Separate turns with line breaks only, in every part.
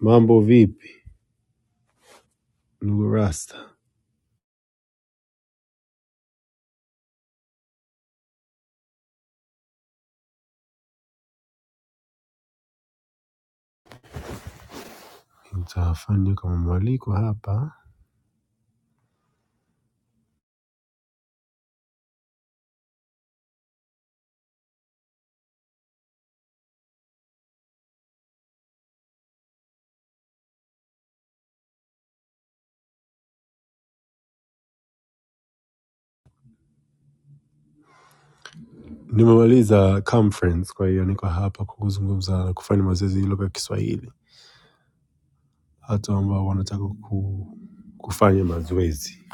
Mambo vipi ndugu Rasta, nitafanya kama mwaliko hapa. Nimemaliza conference, kwa hiyo niko hapa kwa kuzungumza na kufanya mazoezi ya lugha ya Kiswahili. Watu ambao wanataka ku, kufanya mazoezi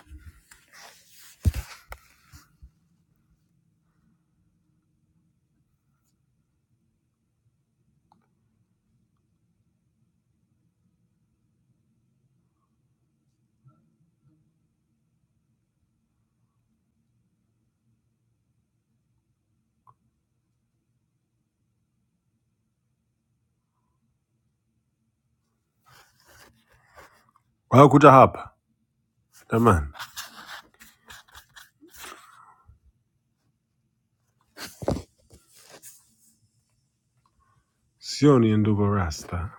wakuta hapa. Jamani, sioni ndugu Rasta,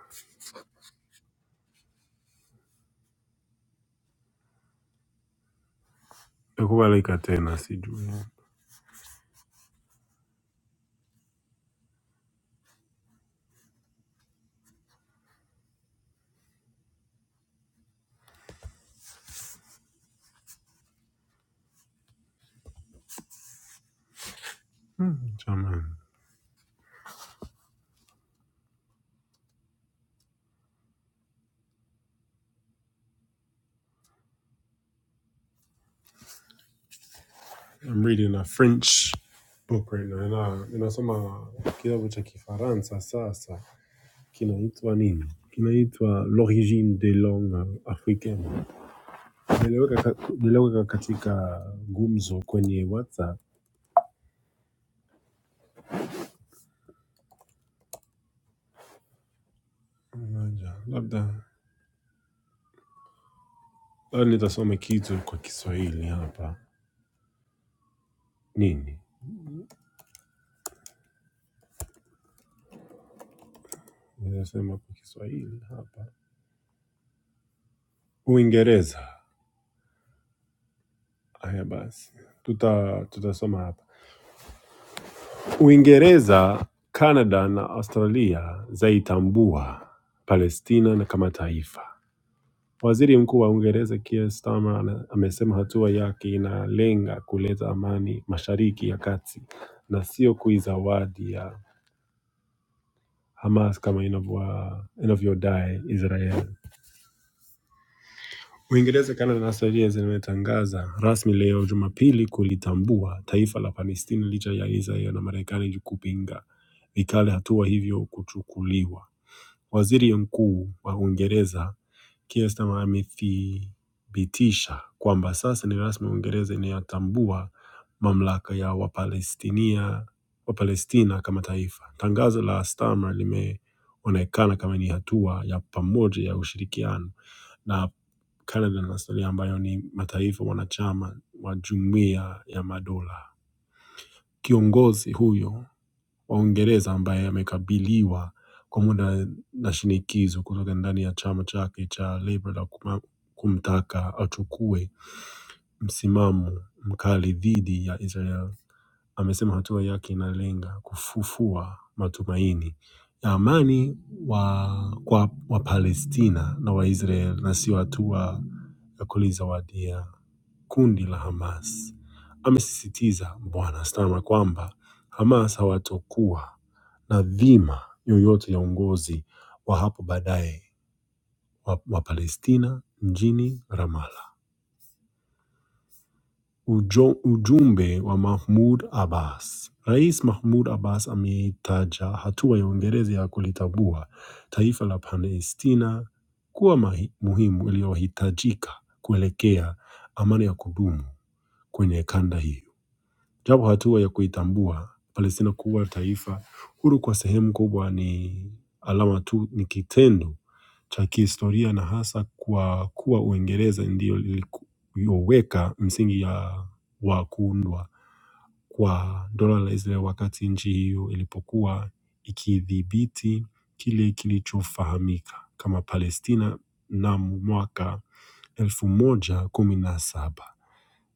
nakubalika tena, sijui jamani. I'm reading a French book right now. Ina- Ninasoma kitabu cha Kifaransa sasa. kinaitwa nini? Kinaitwa L'origine des langues africaines. Niliweka ka- niliweka katika gumzo kwenye WhatsApp. Ngoja, Labda labda nitasoma kitu kwa Kiswahili hapa. Nini? Nitasema kwa Kiswahili hapa. Uingereza. Haya basi. Tuta tutasoma hapa. Uingereza, Kanada na Australia zaitambua Palestina na kama taifa. Waziri Mkuu wa Uingereza Keir Starmer ana- amesema hatua yake inalenga kuleta amani Mashariki ya Kati na sio kuizawadi ya Hamas kama inavyo- inavyodai Israel. Uingereza, Kanada na Saudia zimetangaza rasmi leo Jumapili kulitambua taifa la Palestina licha ya Israel na Marekani kupinga vikali hatua hivyo kuchukuliwa. Waziri Mkuu wa Uingereza Keir Starmer amethibitisha kwamba sasa ni rasmi Uingereza inayotambua mamlaka ya Wapalestinia Wapalestina kama taifa. Tangazo la Starmer limeonekana kama ni hatua ya pamoja ya ushirikiano na Canada na Australia ambayo ni mataifa wanachama wa Jumuiya ya Madola kiongozi huyo wa Uingereza ambaye amekabiliwa kwa muda na shinikizo kutoka ndani ya chama chake cha Labour la kuma- kumtaka achukue msimamo mkali dhidi ya Israel amesema hatua yake inalenga kufufua matumaini ya amani wa, kwa Wapalestina na Waisrael na sio hatua ya kulizawadia kundi la Hamas. Amesisitiza Bwana Starmer kwamba Hamas hawatokuwa na dhima yoyote ya uongozi wa hapo baadaye wa, wa Palestina mjini Ramallah. Ujo- Ujumbe wa Mahmoud Abbas. Rais Mahmoud Abbas ameitaja hatua ya Uingereza ya kulitambua taifa la Palestina kuwa mahi- muhimu iliyohitajika kuelekea amani ya kudumu kwenye kanda hiyo. Japo hatua ya kuitambua Palestina kuwa taifa huru kwa sehemu kubwa ni alama tu, ni kitendo cha kihistoria na hasa kwa kuwa Uingereza ndiyo iliyoweka msingi ya wa kuundwa kwa dola la Israel wakati nchi hiyo ilipokuwa ikidhibiti kile kilichofahamika kama Palestina mnamo mwaka elfu moja kumi na saba.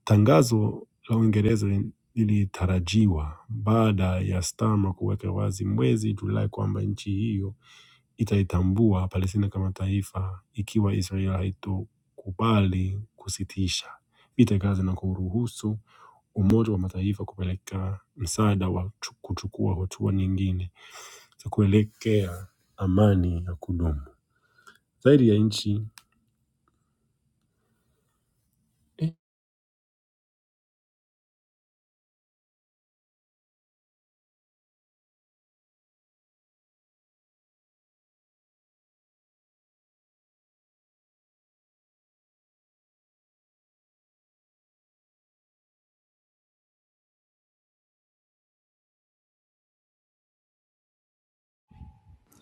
Tangazo la Uingereza lilitarajiwa baada ya Starmer kuweka wazi mwezi Julai kwamba nchi hiyo itaitambua Palestina kama taifa ikiwa Israel haitokubali kusitisha vita Gaza na kuruhusu Umoja wa Mataifa kupeleka msaada wa chu- kuchukua hatua nyingine za kuelekea amani ya kudumu. Zaidi ya nchi eh,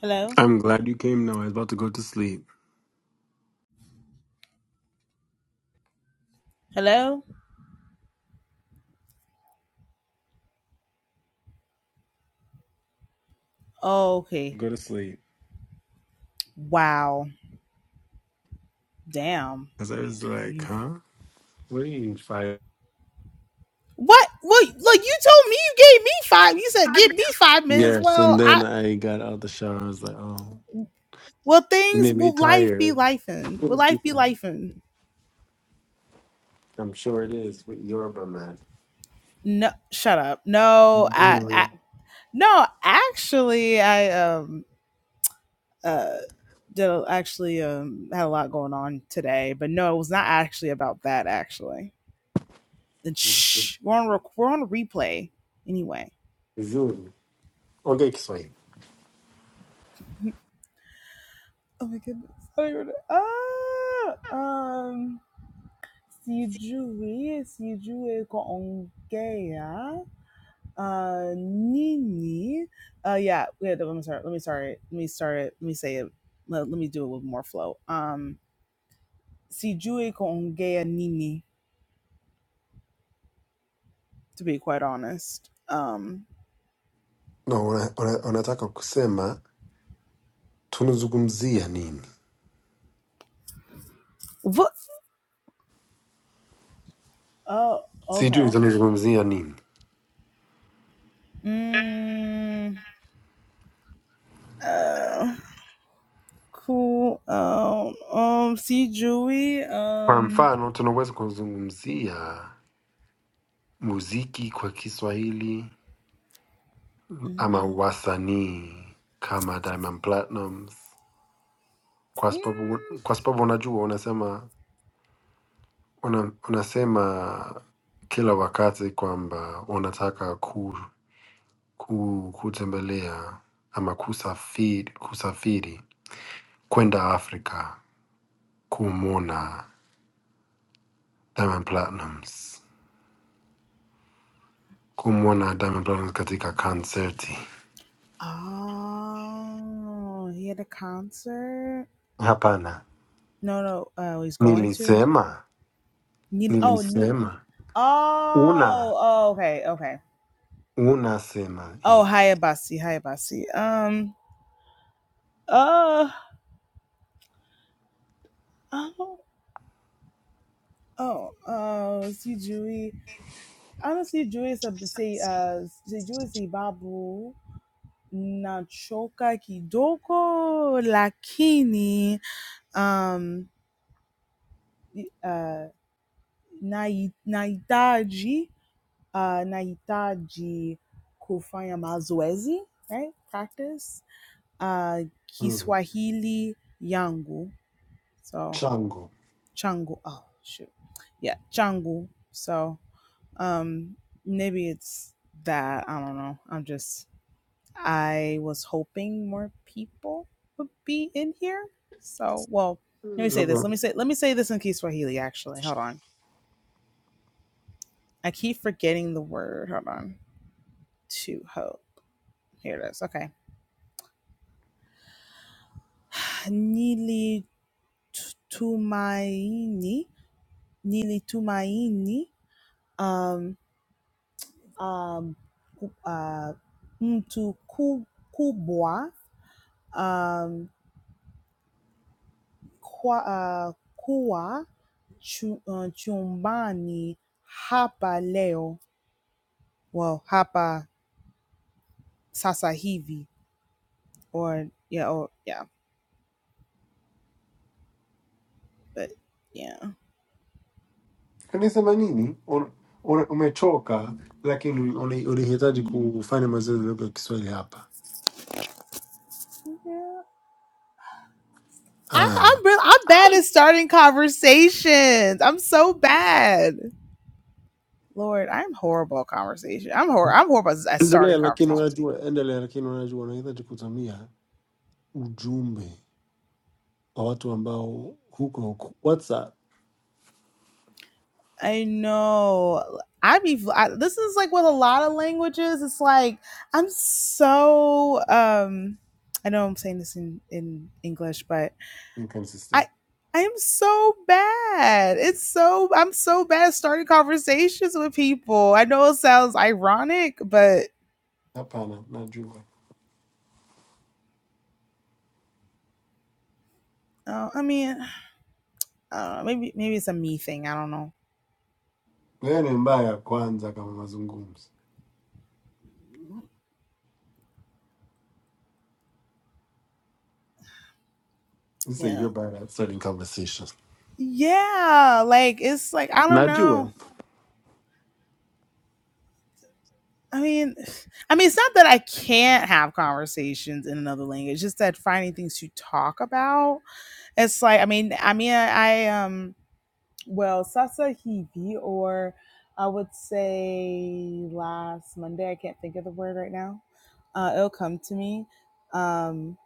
Hello?
I'm glad you came now. I was about to go to sleep.
Hello? Oh, okay.
go to sleep.
Wow. Damn.
Because I was like,
You
huh? What are you, fighting?
What? Well, look, you told me you gave me five. You said give me five minutes.
Yes, and
Well,
then
I
I got out the shower. I was like, oh,
will
it
things
made me
will life be
tired.
life Will life be life
I'm sure it is with Yoruba man.
No shut up. No, I, I
Really?
no, actually I um uh did a- actually um had a lot going on today, but no, it was not actually about that actually. Then shh, we're on rec- we're on replay anyway.
Vizuri. Ongea Kiswahili.
Oh my goodness. I don't even know. Ah, um, sijui, sijui kuongea. Uh, nini. Uh, yeah, wait, let me start. Let me start it. Let me start it. Let me say it. Let, let me do it with more flow. Um, sijui kuongea nini, to be quite honest. Um,
No, una- una- unataka kusema tunazungumzia nini?
what? Oh, okay.
Sijui tunazungumzia nini.
Mm, uh, cool. Um, um, sijui.
Kwa
Um,
mfano, tunaweza kuzungumzia muziki kwa Kiswahili ama
mm,
wasanii kama Diamond Platnumz, kwa sababu
Mm,
kwa sababu unajua, unasema una, unasema kila wakati kwamba unataka ku, ku, kutembelea ama kusafiri, kusafiri kwenda Afrika kumwona Diamond Platnumz, kumwona Diamond Platnumz katika konserti.
Oh, he had a concert.
Hapana,
No, no. Oh, he's going to.
nilisema
Ni- Oh, ni-
nilisema una
oh, oh, okay, okay.
unasema
Oh,
hivi
Hayabasi, Hayabasi. Um, uh, oh, oh, oh. Si Jui. Honestly, Jui sa si uh si Jui si babu nachoka kidogo lakini um y- uh nai naitaji uh, nahitaji kufanya mazoezi right practice uh,
mm.
kiswahili yangu so
chango
changu oh shoot yeah changu so um maybe it's that i don't know i'm just i was hoping more people would be in here so well let me
Mm,
say this
labda
let me say let me say this in kiswahili actually hold on i keep forgetting the word hold on to hope here it is okay nilitumaini nilitumaini um, um, ku- uh, mtu ku- kubwa um, kwa, uh, kuwa chu, uh, chumbani hapa leo well hapa sasa hivi or yeah or yeah but yeah
Kanisa la nini? Un- un- Umechoka lakini uni- unahitaji kufanya mazoezi ya lugha ya Kiswahili hapa.
I,
Ah.
I'm real. I'm bad at starting conversations. I'm so bad. Lord, I'm horrible at conversation. I'm hor. I'm horrible at at starting
Endelea lakini
conversations.
unajua, endelea lakini unajua, unahitaji kutumia ujumbe wa watu ambao huko huko WhatsApp
I know. I be. I, this is like with a lot of languages. It's like I'm so. Um, I know I'm saying this in in English, but I
inconsistent.
I am so bad. It's so I'm so bad at starting conversations with people. I know it sounds ironic, but
Hapana, najua
uh, I mean, uh, maybe maybe it's a me thing. I don't know.
wewe ni mbaya kwanza kama mazungumzo. You say
Yeah.
you're bad at starting conversations.
Yeah, like it's like I don't know.
Najua.
I mean, I mean, it's not that I can't have conversations in another language. It's just that finding things to talk about. It's like, I mean, I mean, I um, well, Sasa Hivi, or I would say last Monday. I can't think of the word right now. Uh, it'll come to me. Um,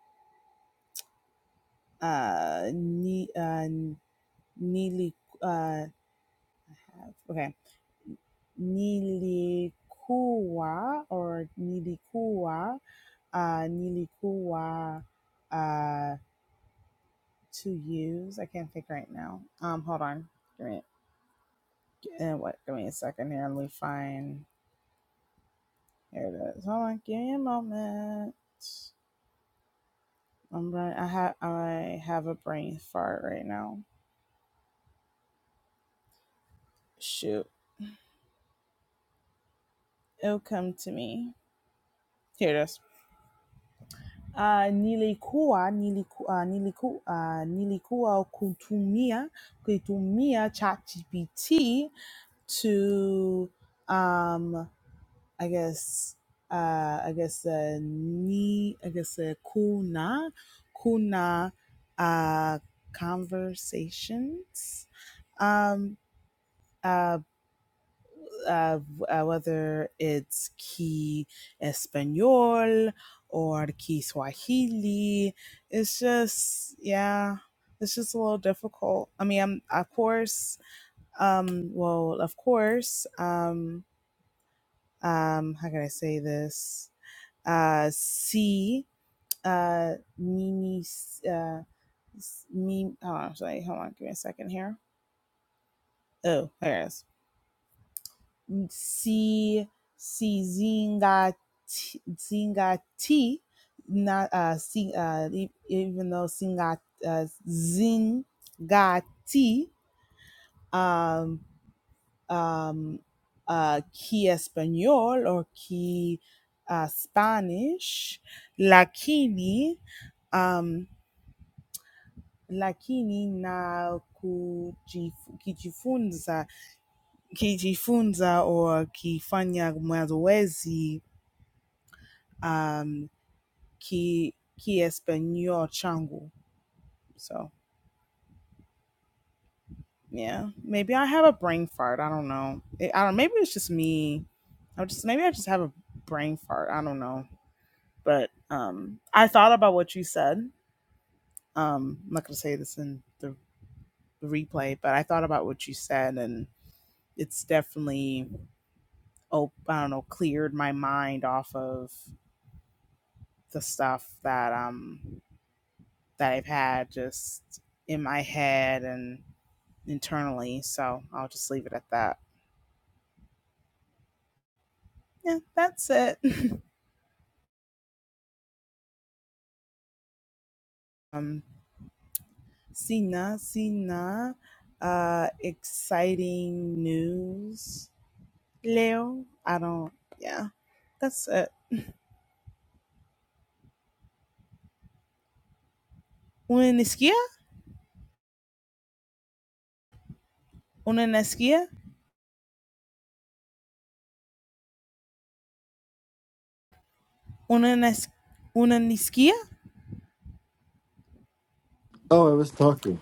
uh, ni, uh, nili, uh, okay, nilikuwa or nilikuwa uh, nilikuwa uh, two U's. I can't think right now. Um, hold on. Give me, uh, what, give me a second here. Let me find. Here it is. Hold on. Give me a moment. I'm right. I have I have a brain fart right now. Shoot, it'll come to me. Here it is. Uh, nilikuwa niliku, uh, niliku, uh, nilikuwa kutumia kutumia ChatGPT to um, I guess uh I guess uh ni I guess uh kuna kuna uh conversations um uh, uh, uh whether it's ki español or ki swahili it's just yeah it's just a little difficult i mean i'm of course um well of course um um how can i say this uh, C. Uh, Mimi. Uh, Mimi. Oh, sorry. Hold on. Give me a second here. Oh, there it is. C. C. Zinga. T, Zinga T. Not uh, C. uh, e- even though Singa uh, Zinga T. Um, um, uh, qui espagnol or qui uh, Spanish, lakini. Um. lakini na kujif- kijifunza kijifunza au kifanya mazoezi um, ki kiespanol changu. So yeah, maybe I have a brain fart. I don't know. I I don't. Maybe it's just me. I just maybe I just have a brain fart. I don't know. But um, I thought about what you said. Um, I'm not gonna say this in the replay, but I thought about what you said, and it's definitely oh i don't know cleared my mind off of the stuff that um that i've had just in my head and internally so i'll just leave it at that yeah that's it um sina sina uh exciting news leo i don't yeah that's it una nisquia una nisquia una nis- una nisquia
Oh, I was talking.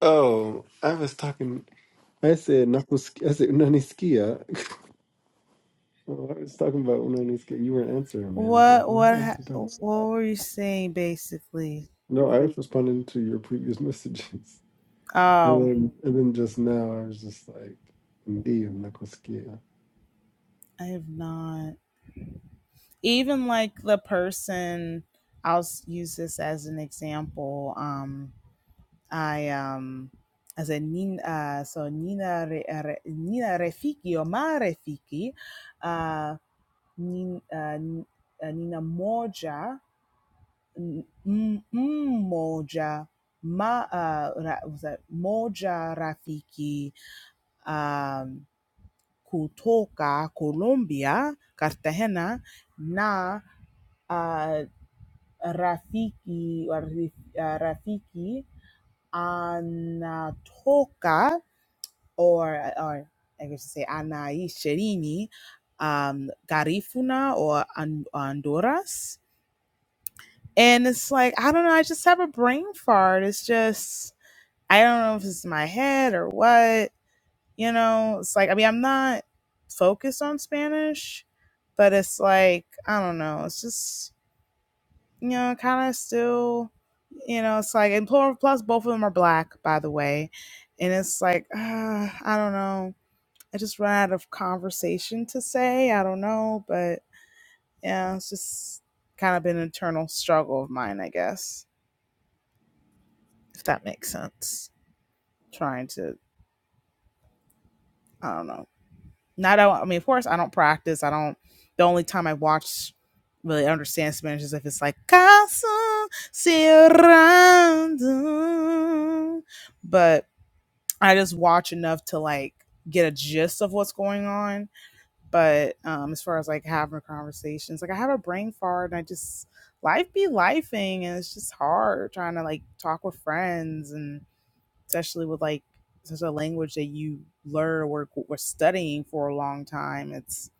Oh, I was talking. I said, nakusik- I said, unanisikia? Well, I was talking about when I was kid, you weren't answering, man. I was like,
What
huh?
what
What is she talking
ha-
about?
what were you saying basically?
No, I was responding to your previous messages. And
Oh,
then, and then just now, I was just like, indeed, I'm
I have not. Even like the person, I'll s- use this as an example. Um, I um, as a Nina, uh, so Nina Re, uh, Re- Nina Refiki or Ma Refiki, uh, Nina, uh, N- uh, Nina Moja, N- M- M- Moja, Ma, uh, Ra, was that Moja Rafiki? um kutoka Colombia, Cartagena na uh, rafiki wa rif- uh, rafiki anatoka or, or I guess say anaishirini um, Garifuna or An- Honduras. And it's like, I don't know, I just have a brain fart. It's just, I don't know if it's my head or what you know it's like i mean i'm not focused on spanish but it's like i don't know it's just you know kind of still you know it's like and plus, plus both of them are black by the way and it's like uh, i don't know i just run out of conversation to say i don't know but yeah it's just kind of been an internal struggle of mine i guess if that makes sense trying to i don't know Not I, mean, of course, I don't practice. I don't. The only time I watch really understand Spanish is if it's like casa cerrando. But I just watch enough to like get a gist of what's going on. But um, as far as like having conversations, like I have a brain fart and I just life be lifing and it's just hard trying to like talk with friends and especially with like such a language that you learn or were, were studying for a long time. It's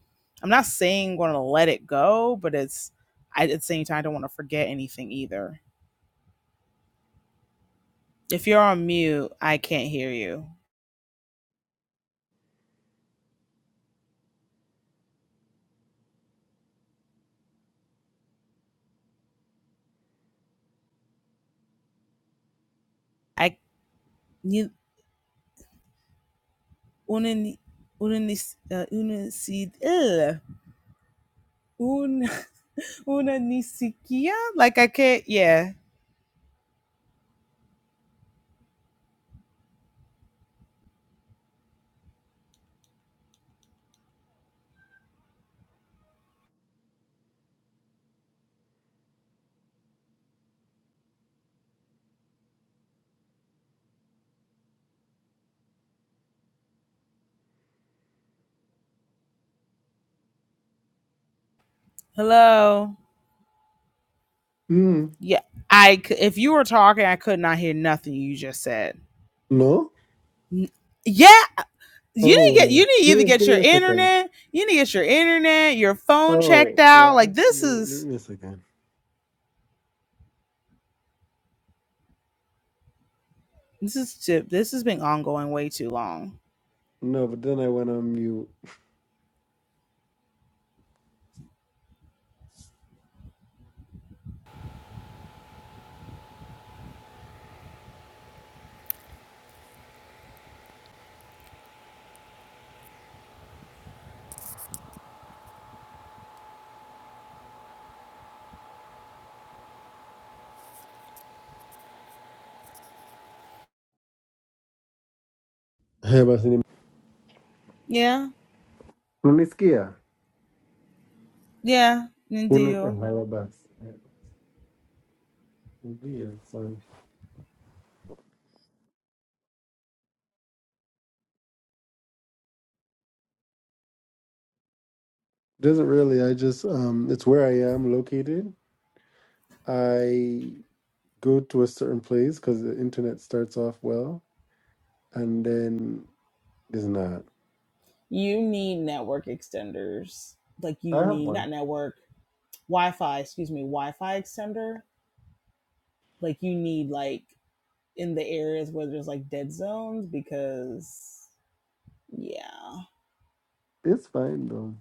I'm not saying going to let it go, but it's I, at the same time I don't want to forget anything either. If you're on mute, I can't hear you. I you unen unenis uh, unesid un unanisikia like I can't. Yeah, hello.
Mm.
Yeah, I if you were talking, I could not hear nothing you just said.
No?
Yeah, you need to
Oh,
get you need
uh,
to
give,
either
me,
get
give me
your
a second.
internet, you need to get your internet, your phone
Oh,
checked out.
well,
Like this
actually, give
is
me a second.
this is this has been ongoing way too long.
No, but then I went on mute. Hey, basi ni-
Yeah,
Unanisikia?
yeah, indeed.
Una- oh, hello, basi. Ndio, sorry. Doesn't really. I just um, it's where I am located. I go to a certain place because the internet starts off well and then it's not.
You need network extenders. Like you
I have
need
one.
not network, Wi-Fi, excuse me, Wi-Fi extender. Like you need like in the areas where there's like dead zones because yeah.
It's fine though.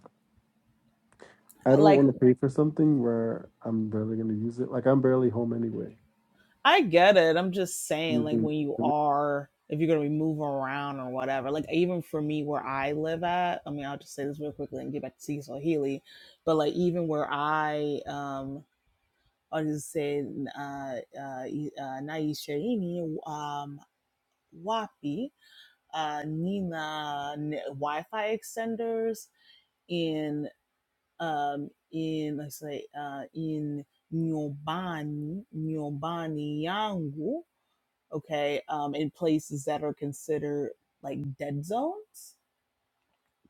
I don't
Like.
want to pay for something where I'm barely going to use it. Like I'm barely home anyway.
I get it. I'm just saying, like,
Using
when you
the
are, if you're gonna be moving around or whatever, like, even for me, where I live at, I mean, I'll just say this real quickly and get back to Cecil Healy, but like, even where I, um, I'll just say, uh, uh, e- uh Naisha, Ini, um, Wapi, uh, Nina, n- Wi-Fi extenders in, um, in, let's say, uh, in Nyobani, Nyobani Yangu okay um in places that are considered like dead zones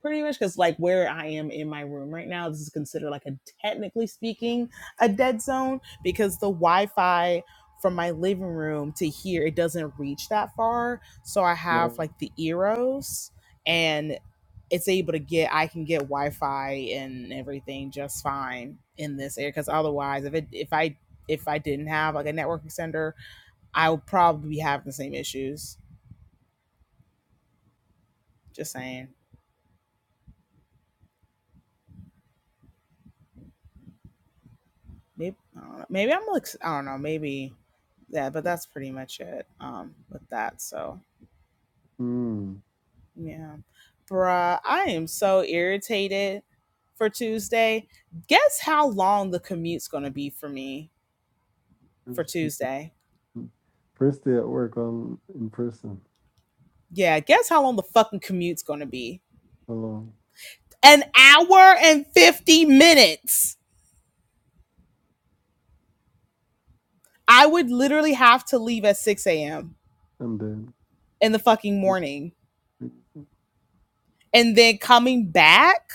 pretty much because like where i am in my room right now this is considered like a technically speaking a dead zone because the wi-fi from my living room to here it doesn't reach that far so i have
next
like the eros and it's able to get i can get wi-fi and everything just fine in this area because otherwise if it if i if i didn't have like a network extender I will probably be having the same issues. Just saying. Maybe I don't know. Maybe I'm like I don't know. Maybe yeah, but that's pretty much it. Um, with that. So
mm,
yeah, bruh, I am so irritated for Tuesday. Guess how long the commute's gonna be for me
first,
for
day,
Tuesday?
first day at work, I'm in person.
Yeah, guess how long the fucking commute's gonna be?
Hello,
An hour and fifty minutes. I would literally have to leave at six a.m.
I'm dead.
in the fucking morning and then coming back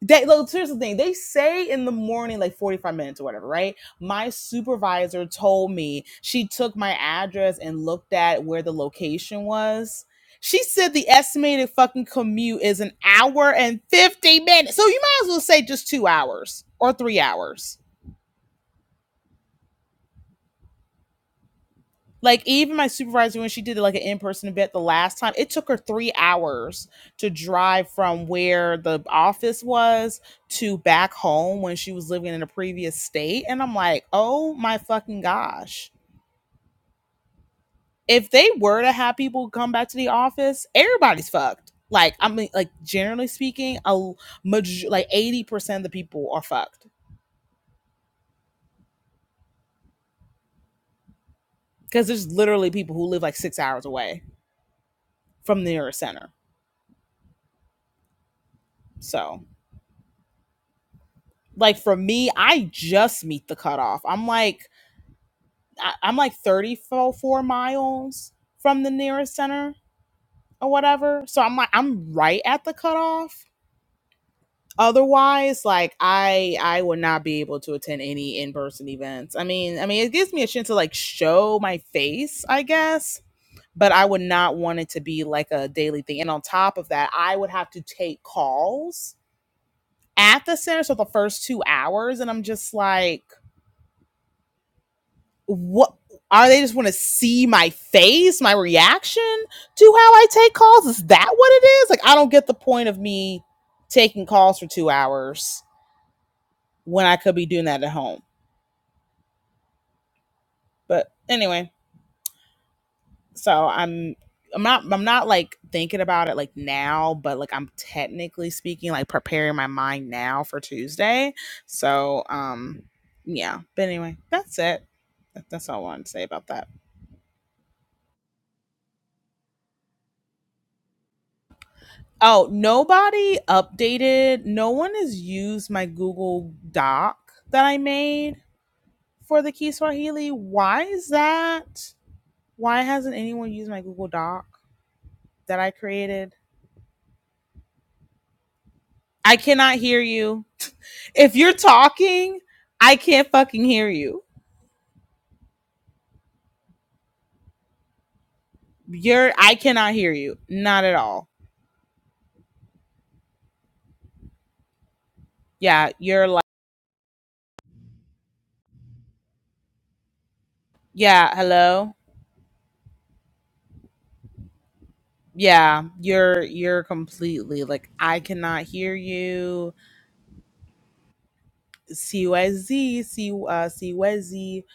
They look, here's the thing. They say in the morning, like 45 minutes or whatever, right? My supervisor told me she took my address and looked at where the location was. She said the estimated fucking commute is an hour and 50 minutes. So you might as well say just two hours or three hours like even my supervisor when she did like an in-person event the last time it took her three hours to drive from where the office was to back home when she was living in a previous state and i'm like oh my fucking gosh if they were to have people come back to the office everybody's fucked like i mean like generally speaking a maj- like 80% of the people are fucked because there's literally people who live like six hours away from the nearest center so like for me, I just meet the cutoff. I'm like I, I'm like 34 miles from the nearest center or whatever. So I'm like I'm right at the cutoff. Otherwise, like I I would not be able to attend any in-person events. I mean, I mean it gives me a chance to like show my face, I guess, but I would not want it to be like a daily thing. And on top of that, I would have to take calls at the center so the first 2 hours and I'm just like what are they just want to see my face, my reaction to how I take calls? Is that what it is? Like I don't get the point of me taking calls for 2 hours when I could be doing that at home. But anyway, so I'm I'm not I'm not like thinking about it like now, but like I'm technically speaking like preparing my mind now for Tuesday. So, um yeah, but anyway, that's it. That's all I wanted to say about that. Oh, nobody updated. No one has used my Google Doc that I made for the Key Swahili. Why is that? Why hasn't anyone used my Google Doc that I created? I cannot hear you. If you're talking, I can't fucking hear you. You're I cannot hear you. Not at all. Yeah, you're like yeah, hello. Yeah, you're you're completely like I cannot hear you siwezi si, uh, siwezi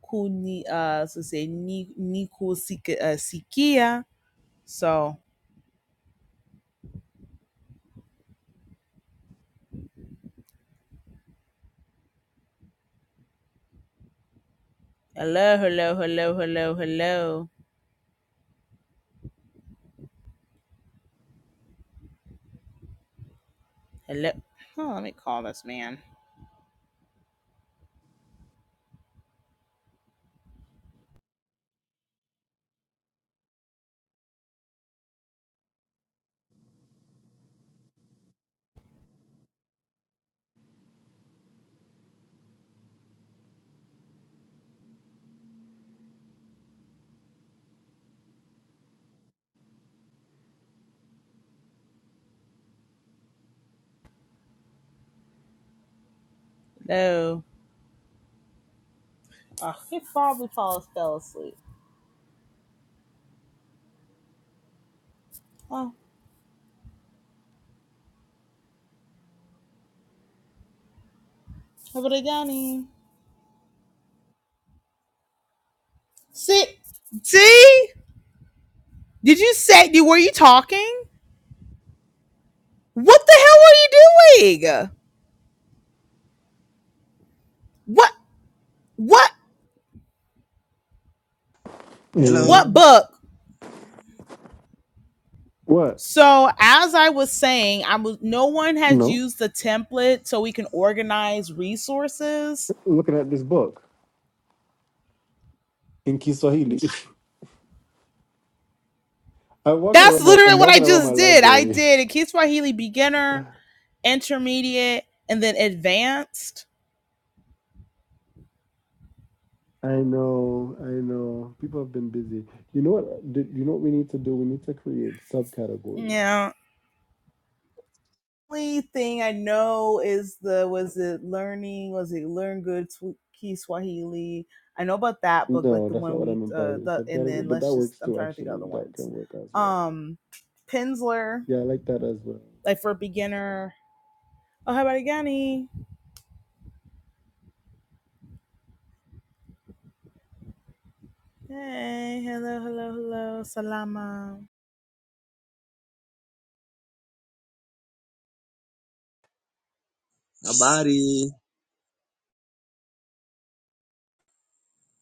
kuni uh, so say ni, ni Sik uh, sikia so hello hello hello hello hello hello oh, let me call this man hello oh, he probably falls fell asleep oh how about Danny? sit see did you say you were you talking what the hell were you doing what what
Hello,
And
what book
what?
So as I was saying, I was no one has
No,
used the template so we can organize resources.
looking at this book in Kiswahili. I'm walking
That's
around. My, I'm
literally what I
walking around my
just did. I
library.
did a Kid Swahili beginner, intermediate, and then advanced.
I know, I know. People have been busy. You know what? Do, you know what we need to do? We need to create subcategories.
Yeah. Only thing I know is the was it learning was it learn good Sw- Swahili. I know about that book, like
No,
the
that's not
one
what I
we
meant by
uh the and
subcategory,
then
but
let's
that
just
works
I'm
too,
trying to think of
actually.
other
That
ones.
can work as well.
Um Pinsler,
Yeah, I like that as well.
like for a beginner Oh, Habarigani. Hey, hello, hello, hello. Salama.
habari,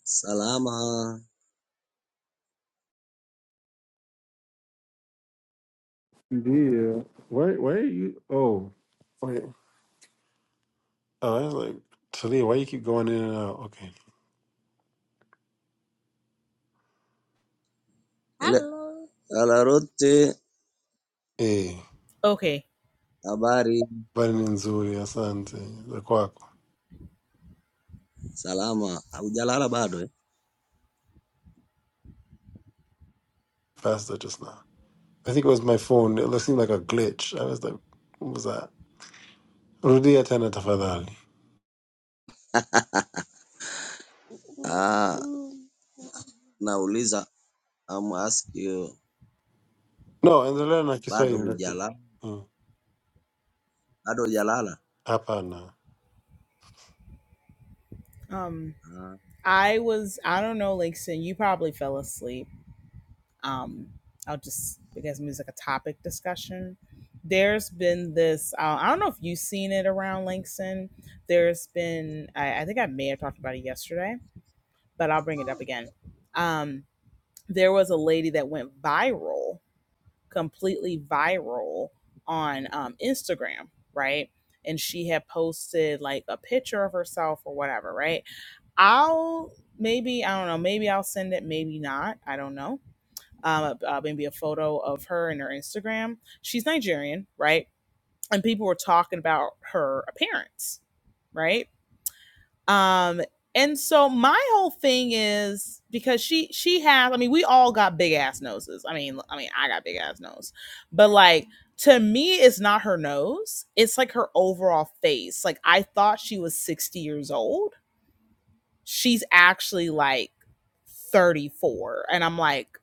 salama.
Yeah. Why, why are you? Oh, wait. Oh, I was like, Talia, why you keep going in and out? Okay.
Ile Hello. ala rote,
Hey,
Okay.
habari,
Biden nzuri, asante, the quack,
salama. Hujalala bado eh?
faster just now. I think it was my phone. It seemed like a glitch. I was like, what was that? Rudia tena tafadhali.
Ah, Mm. nauliza I'm ask you,
No, endelea na
bado
Kiswahili lakini
hujalala?
Mm,
Bado hujalala?
hapana.
Um,
Ah.
I was, I don't know, like, so you probably fell asleep. Um, I'll just, because it's like a topic discussion. There's been this, uh, I don't know if you've seen it around Langston. There's been, I, I think I may have talked about it yesterday, but I'll bring it up again. Um, there was a lady that went viral completely viral on um, Instagram, right? And she had posted like a picture of herself or whatever, right? I'll maybe, I don't know, maybe I'll send it, maybe not. I don't know. Um, uh, uh, maybe a photo of her and her Instagram. She's Nigerian, right? And people were talking about her appearance, right? um and so my whole thing is because she she has i mean we all got big ass noses i mean i mean i got big ass nose but like to me it's not her nose it's like her overall face like i thought she was 60 years old she's actually like 34 and i'm like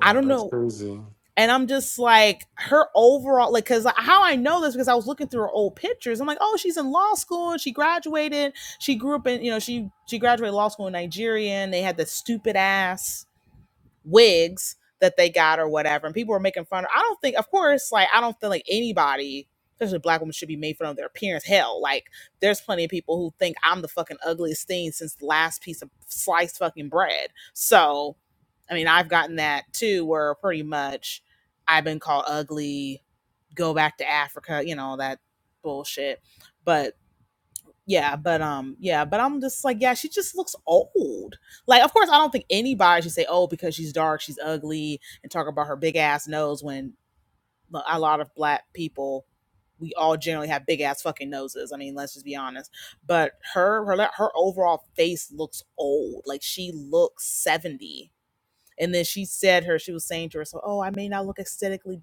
i don't
that's
know
crazy.
and I'm just like her overall, like, cause how I know this because I was looking through her old pictures. I'm like, oh, she's in law school and she graduated. She grew up in, you know, she she graduated law school in Nigeria and they had the stupid ass wigs that they got or whatever. And people were making fun of I don't think of course, like I don't feel like anybody, especially black women, should be made fun of their appearance. Hell, like there's plenty of people who think I'm the fucking ugliest thing since the last piece of sliced fucking bread. So I mean I've gotten that too where pretty much I've been called ugly, go back to Africa, you know, that bullshit. But yeah, but um, yeah, but I'm just like, yeah, she just looks old. Like, of course, I don't think anybody should say, oh, because she's dark, she's ugly, and talk about her big ass nose when a lot of black people, we all generally have big ass fucking noses. I mean, let's just be honest. But her, her, like, her overall face looks old. Like she looks seventy. And then she said her, she was saying to herself, oh, I may not look aesthetically,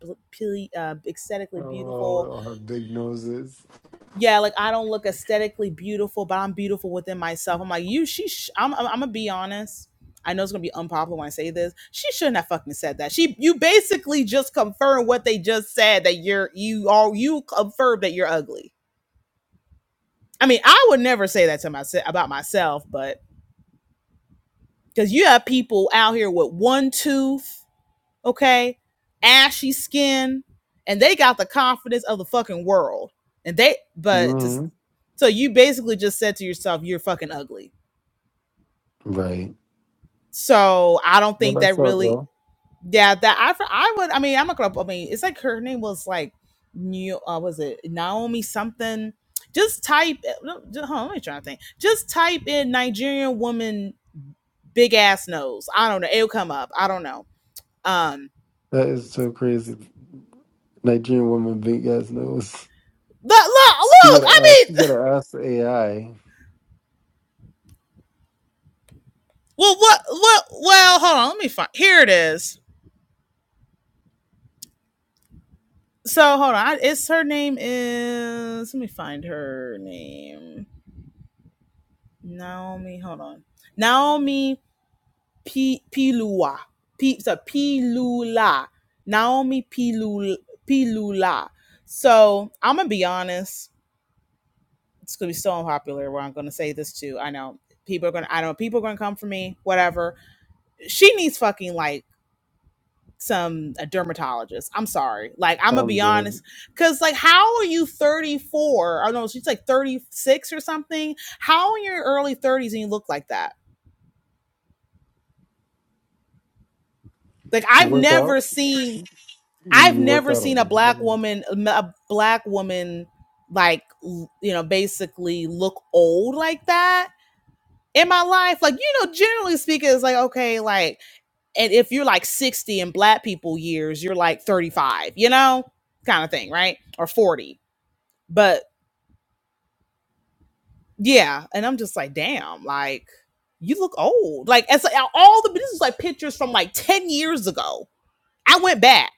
uh, aesthetically
Oh,
beautiful,
we all have big noses.
yeah, like I don't look aesthetically beautiful, but I'm beautiful within myself. I'm like, you, she, sh- I'm, I'm, I'm gonna be honest. I know it's gonna be unpopular when I say this. She shouldn't have fucking said that. She, you basically just confirmed what they just said that you're, you are, you confirmed that you're ugly. I mean, I would never say that to myself about myself, but because you have people out here with one tooth okay, ashy skin, and they got the confidence of the fucking world. And they, but just,
Mm,
so you basically just said to yourself, you're fucking ugly.
right.
So I don't
But
think
I
that
saw it
really,
though.
yeah, that I, I would, I mean, I'm not gonna, I mean, it's like her name was like, New, uh, was it Naomi something? Just type, uh, no, just, hold on, let me try to think. Just type in Nigerian woman big ass nose. I don't know. It'll come up. I don't know. Um,
That is so crazy. Nigerian woman big ass nose.
but look,
You
look,
gotta
I mean,
ask. You gotta ask the AI.
Well, what, what, well, hold on. Let me find. Here it is. So hold on. it's her name is. Let me find her name. Naomi. Hold on. Naomi P Pilua. P so Pilula. Naomi Pilula. Pilula. So I'm gonna be honest. It's gonna be so unpopular. Where I'm gonna say this too. I know people are gonna. I know people are gonna come for me. Whatever. She needs fucking like some a dermatologist. I'm sorry. Like I'm gonna
I'm
be
dead.
honest, because like how are you 34? I don't know she's like 36 or something. How in your early 30s and you look like that? Like
You
I've
work out.
never seen.
You,
I've
you work
never
out all
seen a black
day.
woman, a black woman, like you know, basically look old like that in my life. Like you know, generally speaking, it's like okay, like, and if you're like 60 in black people years, you're like 35, you know, kind of thing, right? Or 40 But yeah, and I'm just like, damn, like you look old. Like as like, all the this is like pictures from like 10 years ago. I went back.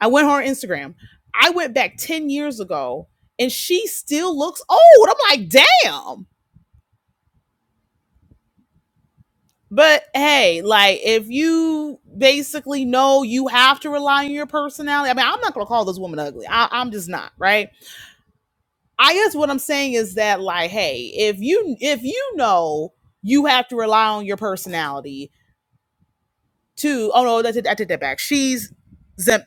I went on Instagram. I went back 10 years ago and she still looks old. I'm like, damn. But hey, like if you basically know you have to rely on your personality, I mean, I'm not gonna call this woman ugly. I, I'm just not, right? I guess what I'm saying is that like, hey, if you if you know you have to rely on your personality to oh no, I take that back. She's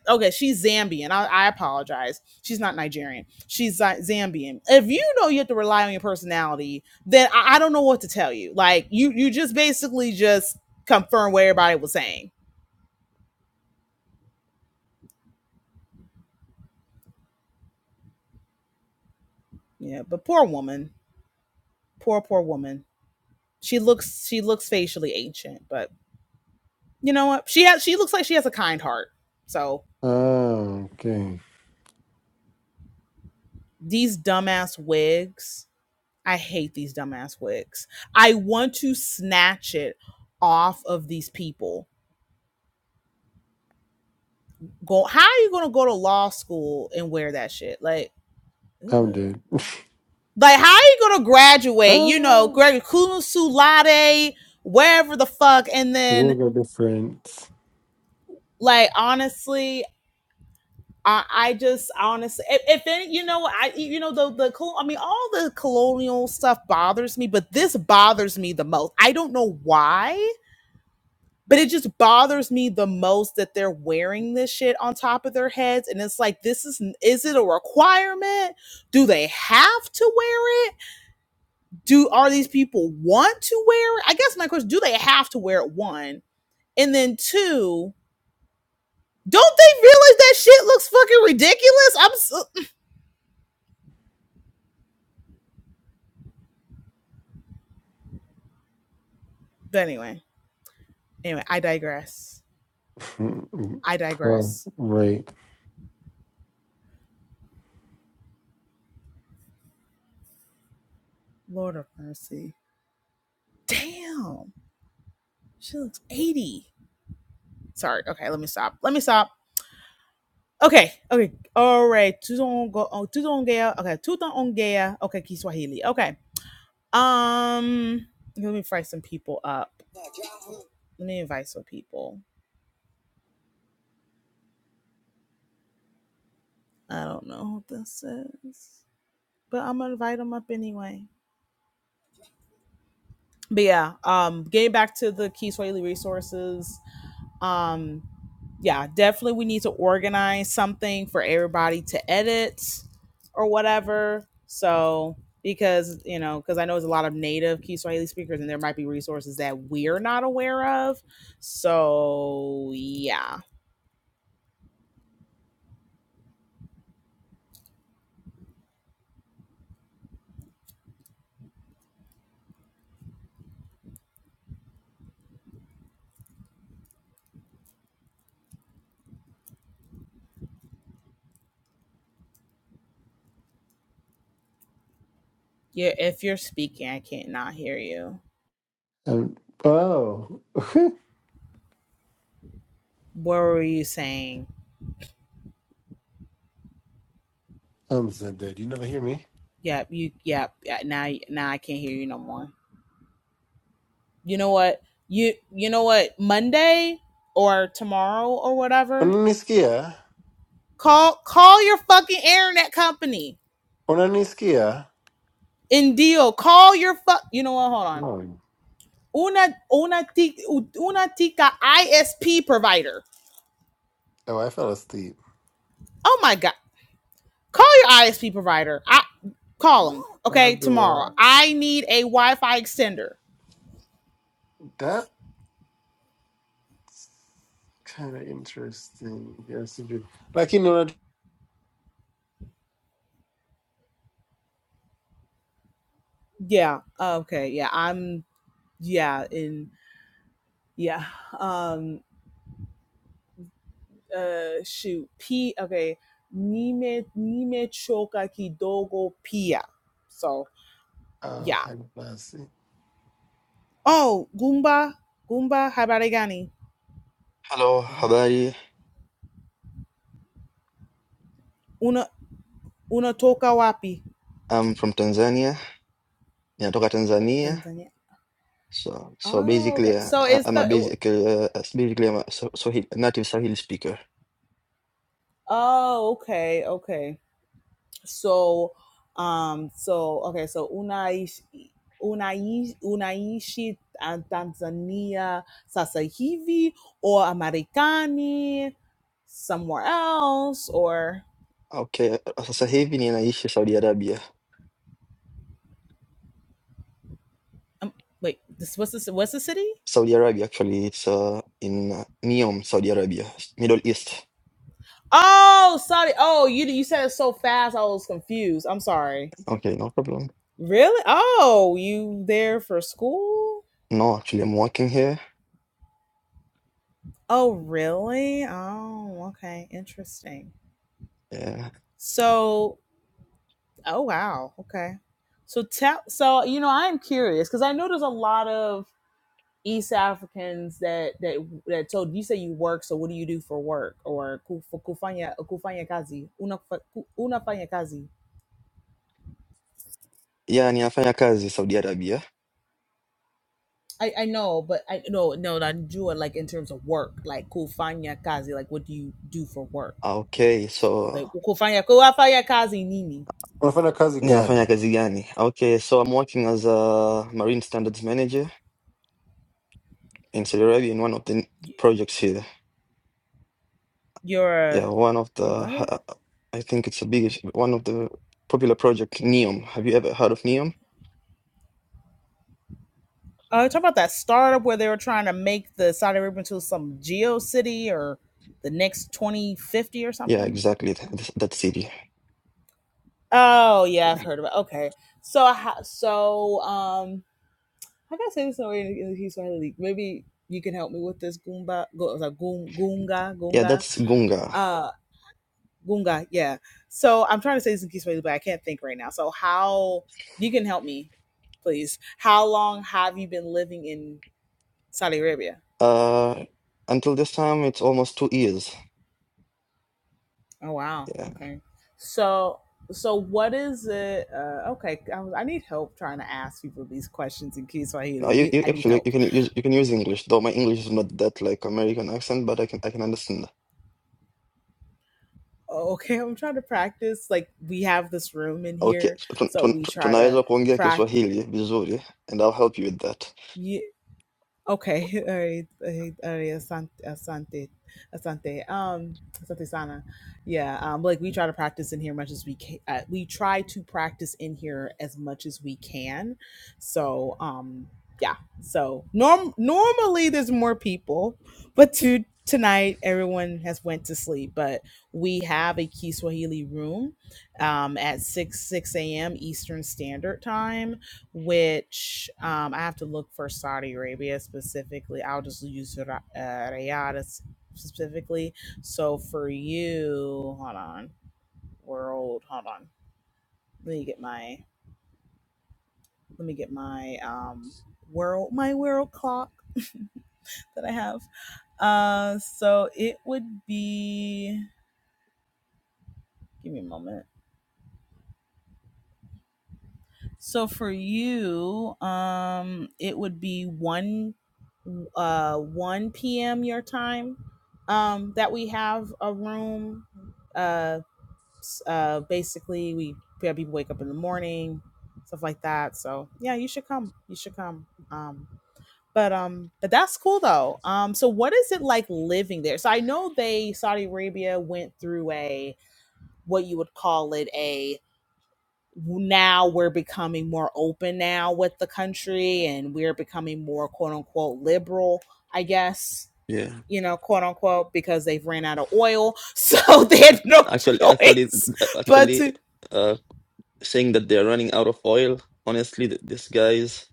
okay, she's Zambian. I, I apologize. She's not Nigerian. She's Zambian. If you know you have to rely on your personality, then I, I don't know what to tell you. Like you you just basically just confirm what everybody was saying. Yeah, but poor woman, poor poor woman. She looks she looks facially ancient, but you know what? She has she looks like she has a kind heart. So
Oh, okay.
these dumbass wigs. I hate these dumbass wigs. I want to snatch it off of these people. Go how are you gonna go to law school and wear that shit? Like ugh.
I'm dead.
like how are you gonna graduate, you know,
Ah,
graduate cum laude, wherever the fuck, and then
Rules are different.
like honestly, I, I just honestly if, if any you know I you know the the col- I mean all the colonial stuff bothers me, but this bothers me the most. I don't know why but it just bothers me the most that they're wearing this shit on top of their heads and it's like this is is it a requirement do they have to wear it do are these people want to wear it i guess my question do they have to wear it one and then two don't they realize that shit looks fucking ridiculous i'm so but anyway anyway i digress i
oh,
digress
right.
lord of mercy damn she looks 80 sorry okay let me stop let me stop Okay, okay, all right. Tuzongo, oh, tuzongea. Okay, tuzongea. Okay, Kiswahili. Okay. Um, let me invite some people up. Let me invite some people. I don't know what this is, but I'm gonna invite them up anyway. But yeah, um, getting back to the Kiswahili resources. Um, yeah, definitely we need to organize something for everybody to edit or whatever. So because you know, because I know there's a lot of native Kiswahili speakers, and there might be resources that we're not aware of. So yeah, yeah. If you're speaking, I can't not hear you.
um, oh!
What were you saying?
Hamza, did you never hear me?
Yep, you. Yep. yeah, Now, now I can't hear you no more. You know what? You. You know what? Monday or tomorrow or whatever
Unanisikia?
Call call your fucking internet company.
Unanisikia?
and deal. Call your fuck. You know what? Hold on.
No.
Una una tica, una tica ISP provider.
Oh, I fell asleep.
Oh my god. Call your ISP provider. I call them.
How
Okay,
do
tomorrow.
I?
I need a Wi-Fi extender.
That's kind of interesting. Yes, you do. Lakini una
Yeah. Okay. Yeah. I'm. Yeah. In. Yeah. Um. uh shoot p okay nime nimechoka kidogo pia so
uh,
yeah
high class.
oh gumba gumba habari gani
Hello, habari.
una unatoka wapi
I'm from Tanzania. Ninatoka Tanzania.
tanzania
So so
oh okay
basically uh,
so
I-
it's
I'm a
the
basic uh, uh, basically I'm a Swa- Swahili, native Swahili speaker.
oh okay okay So, um, so okay, so Unaish, Unaish, unaishi ah, Tanzania sasa hivi or Americani somewhere else or
Okay, uh, sasa hivi ninaishi Saudi Arabia.
um, wait, this what's this what's the city?
Saudi Arabia actually it's uh, in uh, Neom, Saudi Arabia, Middle East.
Oh, sorry. Oh, you you said it so fast, I was confused. I'm sorry.
Okay, no problem.
Really? Oh, you there for school?
No, actually I'm working here.
Oh, really? Oh, okay. Interesting.
Yeah,
So Oh wow. Okay. So tell so you know I am curious because I know there's a lot of East Africans that that that told you say you work. So what do you do for work or ku- for kufanya kufanya kazi una fa- ku- unafanya kazi.
yeah ninafanya kazi Saudi Arabia.
I, I know, but I no no not Jua like in terms of work like kufanya kazi like what do you do for work
Okay, so
like kufanya kufanya kazi nini
Unafanya kazi gani?
ninafanya kazi gani? Okay, so I'm working as a marine standards manager. in Saudi Arabia in one of the n- projects here.
you're
Yeah,
a,
one of
wait
the
what
ha- I think it's the biggest one of the popular project Neom. Have you ever heard of Neom?
Uh, talk about that startup where they were trying to make the Saudi Arabia into some geo city or the next twenty fifty or
Yeah,
something.
exactly th- th- that city.
Oh yeah, I've heard of it. Okay, so I ha- so um, how can I gotta say this in a way in in Kiswahili? Maybe you can help me with this Goomba, go, was that Goom, Goonga,
Yeah,
Goonga,
that's Gunga.
uh, Goonga. Yeah. So I'm trying to say this in Kiswahili, but I can't think right now. So how you can help me, please? How long have you been living in Saudi Arabia?
Uh, until this time, it's almost two years.
Oh wow.
Yeah,
Okay. So so what is it? Uh, okay, I, I need help trying to ask people these questions in case
no, you,
you.
you
I need
actually you
help.
can use you can use English though my English is not that like American accent, but I can I can understand.
Oh, Okay, I'm trying to practice. Like we have this room in
Okay,
here,
tun-
so
tun-
we try to
tunaweza kuongea
practice.
Kiswahili vizuri, and I'll help you with that.
Okay, all right, all right, all right, Asante, Asante, Asante, um, Asante Sana. Yeah, um, like we try to practice in here much as we can. Uh, we try to practice in here as much as we can. So, um, yeah. So norm normally there's more people, but to tonight everyone has went to sleep. But we have a Kiswahili room, um, at six six a.m. Eastern Standard Time which um, I have to look for Saudi Arabia specifically. I'll just use uh, Riyadh specifically. So for you, hold on, world, hold on. Let me get my let me get my um world my world clock that I have. Uh, so it would be. Give me a moment. So for you, um, it would be one, uh, one p.m. your time. Um, that we have a room. Uh, s- uh, basically, we we have people wake up in the morning, stuff like that. So yeah, you should come. You should come. Um, but um, but that's cool though. Um, so what is it like living there? So I know they Saudi Arabia went through a what you would call it a now we're becoming more open now with the country and we're becoming more quote unquote liberal, I guess,
Yeah,
you know, quote unquote, because they've ran out of oil. So they had no
actually, actually,
choice but
actually.
to
saying that they're running out of oil, honestly, th- these guys,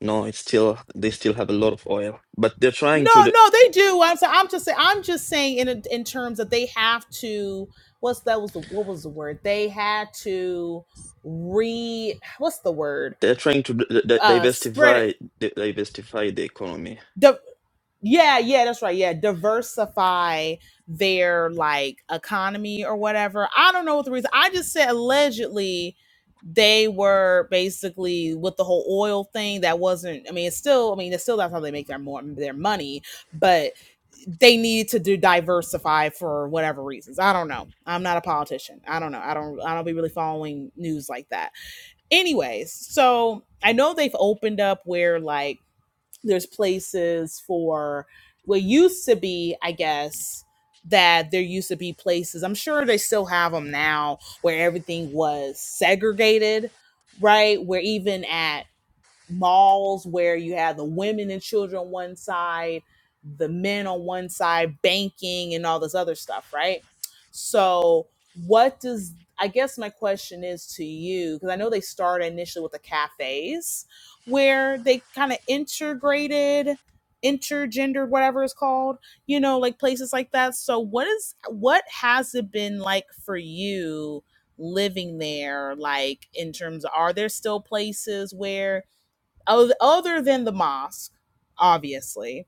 no, it's still they still have a lot of oil, but they're trying to
no,
d-
no, they do. I'm saying I'm just saying I'm just saying in in terms that they have to what's that was the what was the word? They had to re what's the word?
they're trying to d- d-
Uh spread
diversify
it.
di- diversify the economy.
The, Yeah, yeah, that's right. Yeah, diversify their like economy or whatever. I don't know what the reason. I just said allegedly they were basically with the whole oil thing that wasn't I mean it's still I mean it's still that's how they make their more their money, but they needed to do diversify for whatever reasons. I don't know. I'm not a politician. I don't know. I don't I don't be really following news like that. Anyways, so I know they've opened up where like there's places for what used to be, I guess, that there used to be places. I'm sure they still have them now where everything was segregated, right? Where even at malls where you have the women and children on one side, the men on one side, banking and all this other stuff, right? So, what does I guess my question is to you because I know they started initially with the cafes where they kind of integrated intergendered whatever it's called you know like places like that so what is what has it been like for you living there like in terms of are there still places where other than the mosque, obviously,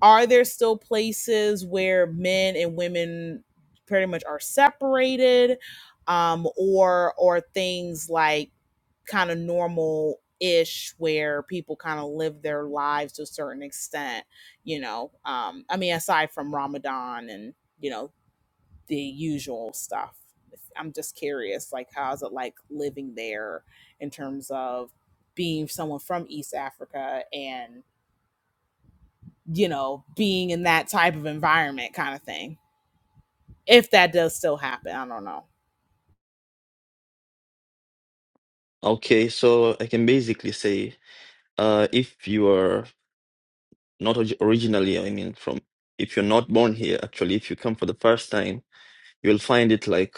are there still places where men and women pretty much are separated, um, or or things like kind of normal ish where people kind of live their lives to a certain extent? You know, um, I mean, aside from Ramadan and you know the usual stuff. I'm just curious, like, how's it like living there in terms of being someone from East Africa and, you know, being in that type of environment kind of thing? If that does still happen, I don't know.
Okay, so I can basically say, uh, if you are not orig- originally, I mean, from if you're not born here, actually, if you come for the first time, you'll find it like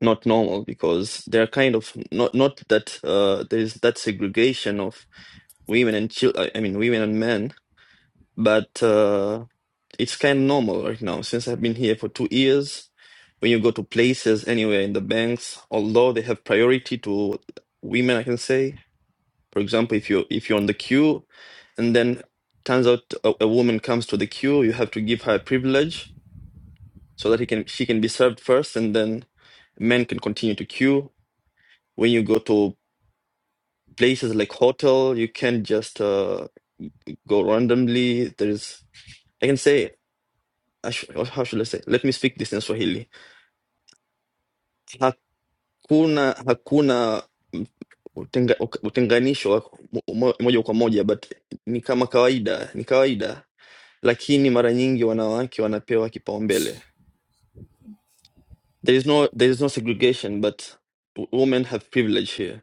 not normal because they're kind of not not that uh, there is that segregation of women and children. I I mean, women and men but uh, it's kind of normal right now since I've been here for two years. When you go to places anywhere in the banks, although they have priority to women, I can say, for example, if you if you're on the queue, and then turns out a, a woman comes to the queue, you have to give her a privilege so that he can she can be served first, and then men can continue to queue. When you go to places like hotel, you can't just uh, go randomly. There is, I can say. sh- how should I say? Let me speak this in Swahili. Hakuna hakuna utenga, utenganisho wa mo- moja kwa moja, but ni kama kawaida, ni kawaida, lakini mara nyingi wanawake wanapewa kipaumbele. There is no there is no segregation, but w- women have privilege here.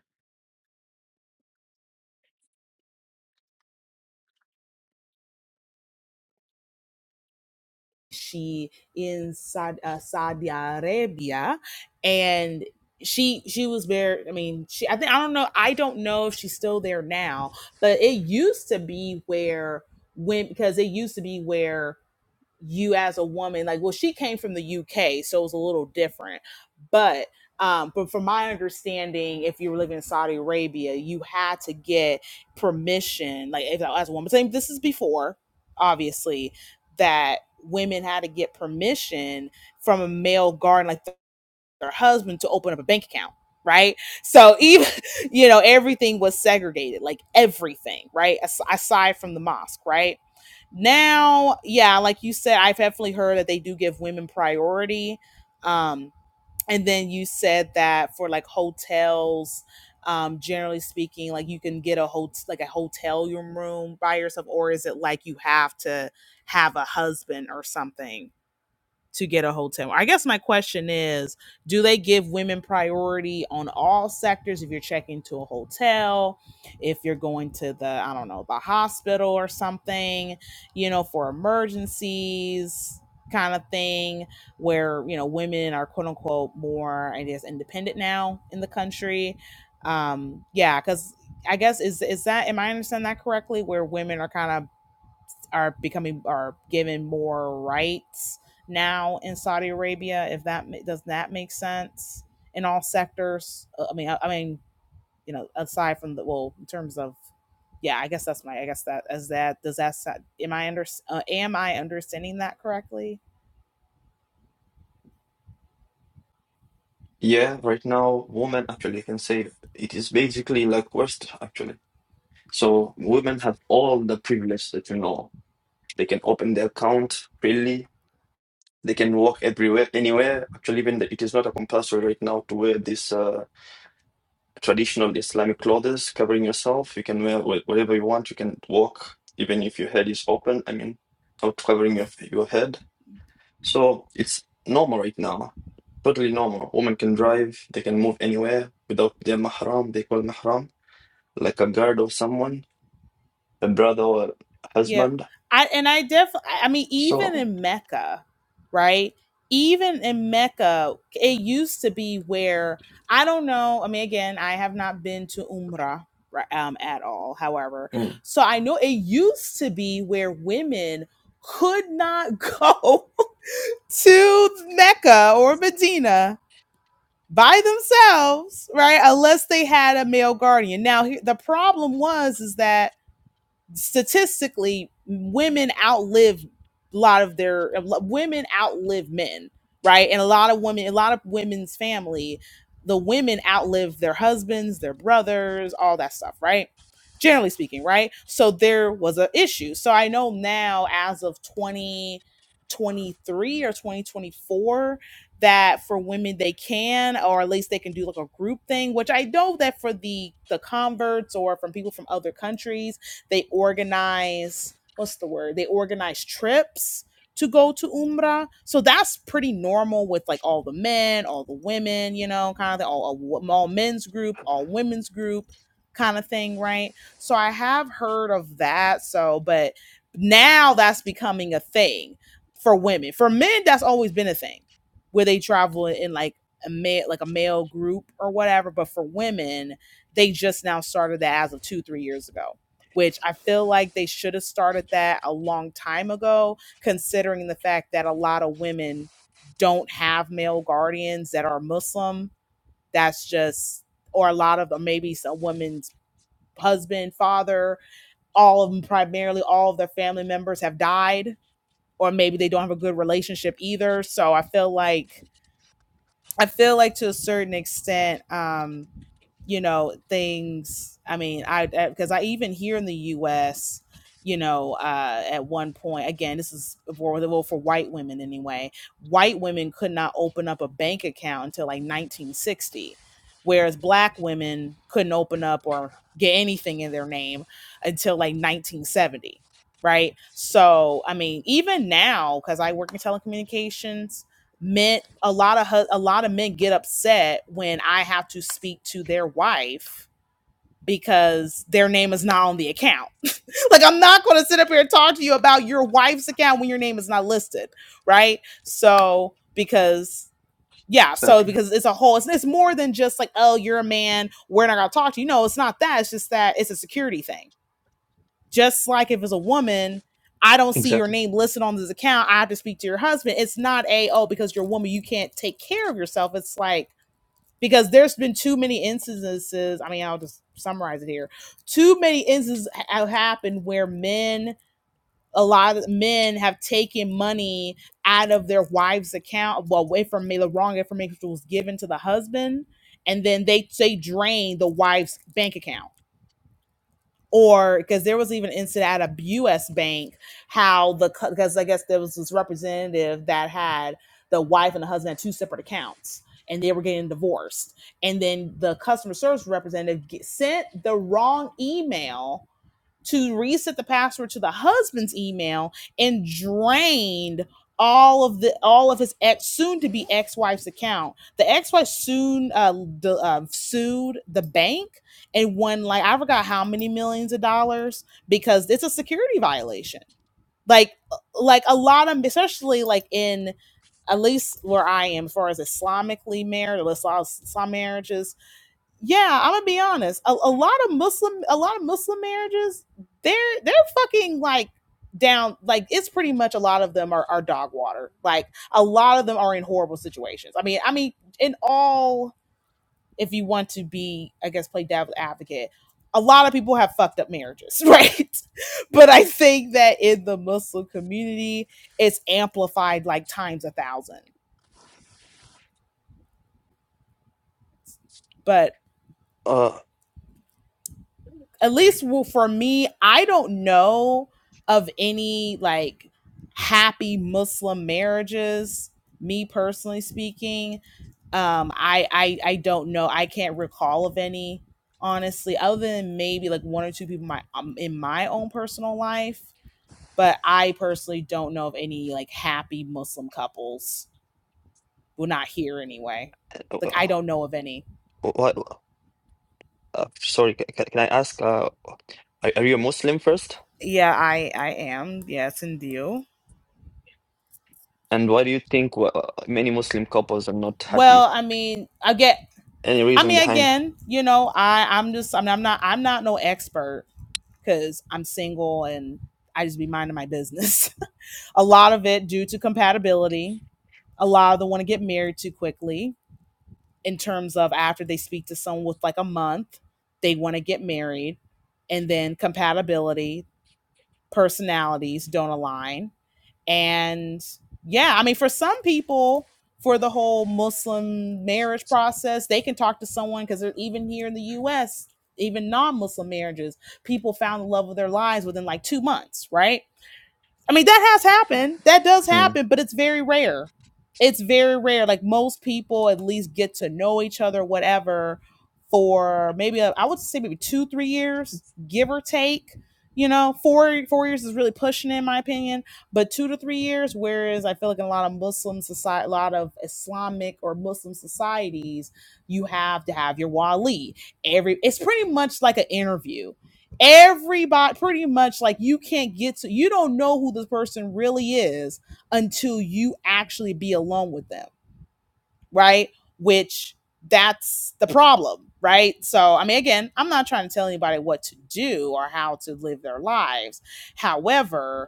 she in Saudi, uh, Saudi Arabia, and she she was very. I mean, she. I think I don't know. I don't know if she's still there now, but it used to be where when because it used to be where you as a woman like well she came from the UK so it was a little different but um but from my understanding if you were living in Saudi Arabia you had to get permission like if, as a woman saying this is before obviously that women had to get permission from a male guard like their husband to open up a bank account right so even you know everything was segregated like everything right As- aside from the mosque right now yeah like you said i've definitely heard that they do give women priority um and then you said that for like hotels um generally speaking like you can get a hotel like a hotel room by yourself or is it like you have to have a husband or something to get a hotel. I guess my question is, do they give women priority on all sectors if you're checking to a hotel, if you're going to the, I don't know, the hospital or something, you know, for emergencies kind of thing where, you know, women are quote unquote more, I guess, independent now in the country. Um, yeah, because I guess is is that am I understanding that correctly? Where women are kind of are becoming are given more rights now in Saudi Arabia. If that does that make sense in all sectors? Uh, I mean, I, I mean, you know, aside from the well, in terms of, yeah, I guess that's my, I guess that as that does that am I under uh, am I understanding that correctly?
Yeah, right now women actually can say it is basically like West actually. So women have all the privilege that you know. They can open their account freely They can walk everywhere, anywhere. Actually, even the, it is not a compulsory right now to wear this uh, traditional Islamic clothes covering yourself. You can wear wh- whatever you want. You can walk even if your head is open. I mean, not covering your your head. So it's normal right now. Totally normal. Women can drive. They can move anywhere without their mahram. They call mahram like a guard of someone, a brother or
Yep.
husband.
I and I definitely. I mean even
So
in Mecca, right? Even in Mecca, it used to be where I don't know. I mean, again, I have not been to Umrah ri- um, at all. However,
mm,
so I know it used to be where women could not go to Mecca or Medina by themselves, right? Unless they had a male guardian. Now, he- the problem was is that statistically women outlive a lot of their women outlive men right and a lot of women a lot of women's family the women outlive their husbands their brothers all that stuff right generally speaking right so there was an issue so i know now as of 2023 or 2024 that for women they can or at least they can do like a group thing which i know that for the the converts or from people from other countries they organize what's the word? They organize trips to go to Umrah. So that's pretty normal with like all the men, all the women, you know, kind of thing, all, all all men's group, all women's group kind of thing, right? So I have heard of that. So, but now that's becoming a thing for women. For men, that's always been a thing where they travel in like a male, like a male group or whatever. But for women, they just now started that as of two, three years ago which I feel like they should have started that a long time ago, considering the fact that a lot of women don't have male guardians that are Muslim. That's just, or a lot of them, maybe some women's husband, father, all of them, primarily all of their family members have died, or maybe they don't have a good relationship either. So I feel like I feel like to a certain extent, um, you know, things. I mean, I because I even here in the U.S. You know, uh, at one point, again, this is for well for white women anyway. White women could not open up a bank account until like 1960, whereas black women couldn't open up or get anything in their name until like 1970, right? So, I mean, even now, because I work in telecommunications, men a lot of a lot of men get upset when i have to speak to their wife because their name is not on the account like i'm not going to sit up here and talk to you about your wife's account when your name is not listed right so because yeah so
exactly,
because it's a whole it's, it's more than just like oh you're a man we're not going to talk to you no it's not that it's just that it's a security thing just like if it's a woman, I don't see your
exactly.
name listed on this account. I have to speak to your husband. It's not a oh because you're a woman you can't take care of yourself. It's like because there's been too many instances. I mean, I'll just summarize it here. Too many instances have happened where men, a lot of men have taken money out of their wife's account, well, away from me, the wrong information was given to the husband, and then they they drain the wife's bank account or because there was even an incident at a U.S. bank how the because I guess there was this representative that had the wife and the husband had two separate accounts and they were getting divorced, and then the customer service representative ge- sent the wrong email to reset the password to the husband's email and drained all of the all of his ex soon to be ex-wife's account the ex-wife soon uh, the, uh, sued the bank and won like i forgot how many millions of dollars because it's a security violation like uh, like a lot of especially like in at least where i am as far as islamically married or islam, islam marriages yeah, I'm gonna be honest. A, a lot of Muslim, a lot of Muslim marriages, they're they're fucking like down. Like it's pretty much a lot of them are are dog water. Like a lot of them are in horrible situations. I mean, I mean, in all, if you want to be, I guess, play devil's advocate, a lot of people have fucked up marriages, right? but I think that in the Muslim community, it's amplified like times a thousand. But
Uh,
at least well, for me, I don't know of any like happy Muslim marriages. Me personally speaking, um, I, I I don't know. I can't recall of any honestly, other than maybe like one or two people in my um, in my own personal life. But I personally don't know of any like happy Muslim couples. Well, not here anyway. Like I don't know of any.
why? Uh, sorry, ca- ca- can I ask, uh, are, are you a Muslim first?
Yeah, I I am. Yes, and you.
And why do you think wha- uh, many Muslim couples are not happy?
Well, I mean, I get.
Any
I
reason
mean,
behind?
again, you know, I I'm just I mean, I'm not I'm not no expert because I'm single and I just be minding my business. a lot of it due to compatibility. A lot of them want to get married too quickly. In terms of after they speak to someone with like a month, they want to get married, and then compatibility personalities don't align. And yeah, I mean, for some people, for the whole Muslim marriage process, they can talk to someone because even here in the US, even non Muslim marriages, people found the love of their lives within like two months, right? I mean, that has happened. That does
Hmm.
happen, but it's very rare. It's very rare. Like most people at least get to know each other, whatever, for maybe a, I would say maybe two, three years, give or take. You know, four four years is really pushing it, in my opinion, but two to three years. Whereas I feel like in a lot of Muslim society, a lot of Islamic or Muslim societies, you have to have your wali every. It's pretty much like an interview everybody pretty much like you can't get to you don't know who this person really is until you actually be alone with them right which that's the problem right so i mean again i'm not trying to tell anybody what to do or how to live their lives however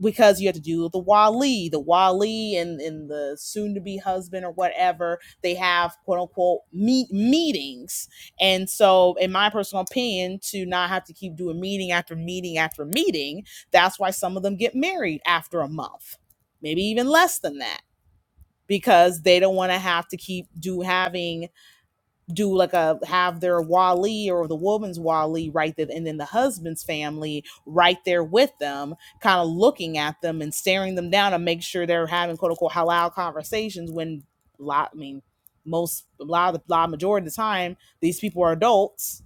because you have to do the wali the wali and, and the soon to be husband or whatever they have quote unquote meet meetings and so in my personal opinion to not have to keep doing meeting after meeting after meeting that's why some of them get married after a month maybe even less than that because they don't want to have to keep do having do like a have their wali or the woman's wali right there and then the husband's family right there with them kind of looking at them and staring them down and make sure they're having quote unquote halal conversations when a lot i mean most a lot of the lot majority of the time these people are adults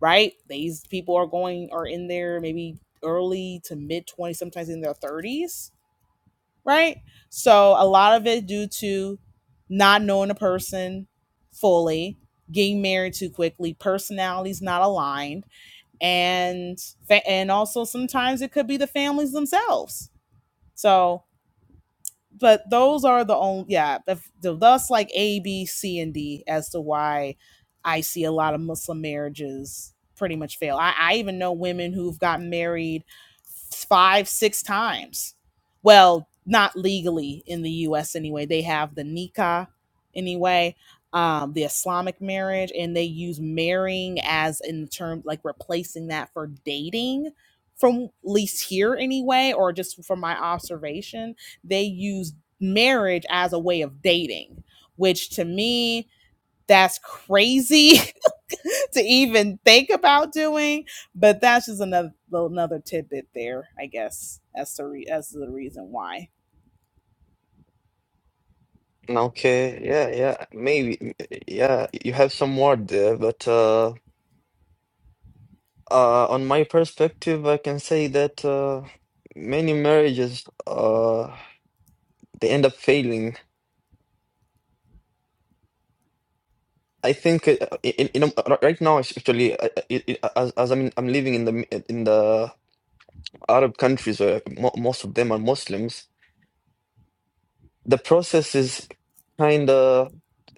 right these people are going are in their maybe early to mid 20s sometimes in their 30s right? So a lot of it due to not knowing a person fully, getting married too quickly, personalities not aligned, and and also sometimes it could be the families themselves. So but those are the only yeah if, that's like a b c and d as to why i see a lot of muslim marriages pretty much fail i, I even know women who've gotten married five six times well not legally in the us anyway they have the nikah anyway um, the islamic marriage and they use marrying as in term like replacing that for dating from least here anyway or just from my observation they use marriage as a way of dating, which to me, that's crazy to even think about doing. But that's just another another tidbit there, I guess, as to re- as to the reason why.
Okay, yeah, yeah, maybe, yeah, you have some word there, but uh, uh, on my perspective, I can say that uh, many marriages uh, they end up failing. I think uh, in, in, in- right now, actually, uh, uh, as, as I'm I'm living in the in the Arab countries where mo most of them are Muslims. the process is kind of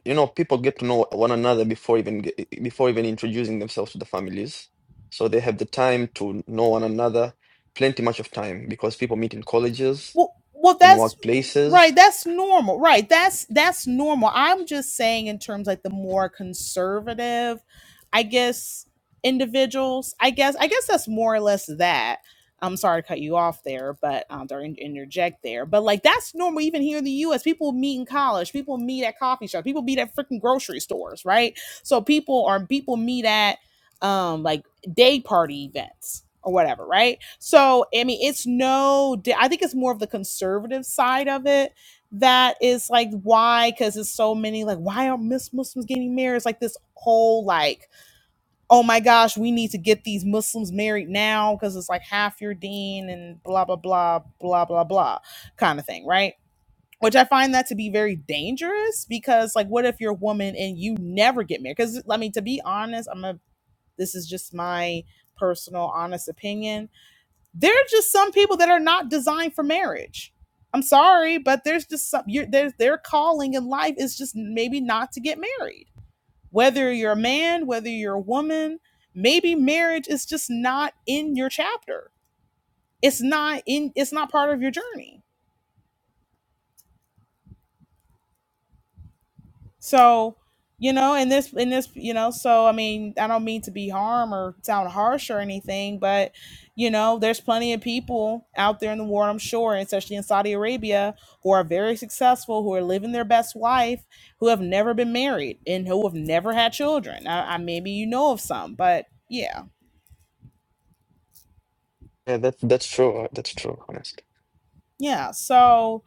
you know people get to know one another before even ge- before even introducing themselves to the families so they have the time to know one another plenty much of time because people meet in colleges
Well, well,
in
that's right.
workplaces
That's normal. Right. That's that's normal. I'm just saying in terms like the more conservative, I guess individuals. I guess I guess that's more or less that. I'm sorry to cut you off there, but um, or in- interject there. But like that's normal. Even here in the U.S., people meet in college. People meet at coffee shops. People meet at freaking grocery stores. Right. So people are people meet at um like day party events or whatever, right? So, I mean, it's no, I think it's more of the conservative side of it that is like why, because it's so many, like, why are Miss Muslims getting married? It's like this whole, like, oh my gosh, we need to get these Muslims married now because it's like half your dean and blah, blah, blah, blah, blah, blah kind of thing, right? Which I find that to be very dangerous because, like, what if you're a woman and you never get married? Because, I mean, to be honest, I'm gonna this is just my personal, honest opinion. There are just some people that are not designed for marriage. I'm sorry, but there's just some you're, there's their calling in life is just maybe not to get married. Whether you're a man, whether you're a woman, maybe marriage is just not in your chapter. It's not in. It's not part of your journey So, you know, in this, in this, you know, so I mean, I don't mean to be harm or sound harsh or anything, but you know, there's plenty of people out there in the world, I'm sure, especially in Saudi Arabia, who are very successful, who are living their best life, who have never been married and who have never had children. I, I maybe you know of some, but yeah,
yeah that that's true that's true honestly
yeah. So,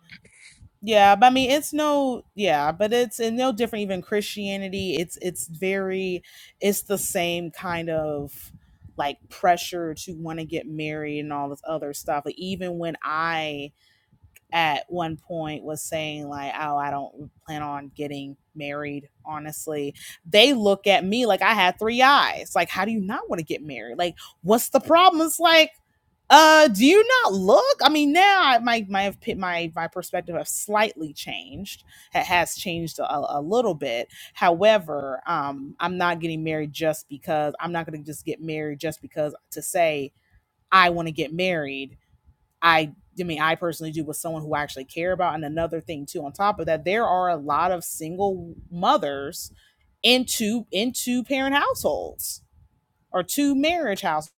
Yeah, but I mean it's no yeah, but it's and no different even Christianity. It's it's very it's the same kind of like pressure to want to get married and all this other stuff. Like even when I at one point was saying like oh i don't plan on getting married honestly they look at me like i had three eyes like how do you not want to get married like what's the problem it's like uh do you not look i mean now I- my my my my perspective has slightly changed it has changed a, a little bit however um i'm not getting married just because i'm not going to just get married just because to say i want to get married I I mean, I personally do with someone who I actually care about. And another thing too, on top of that, there are a lot of single mothers into into parent households or two marriage households,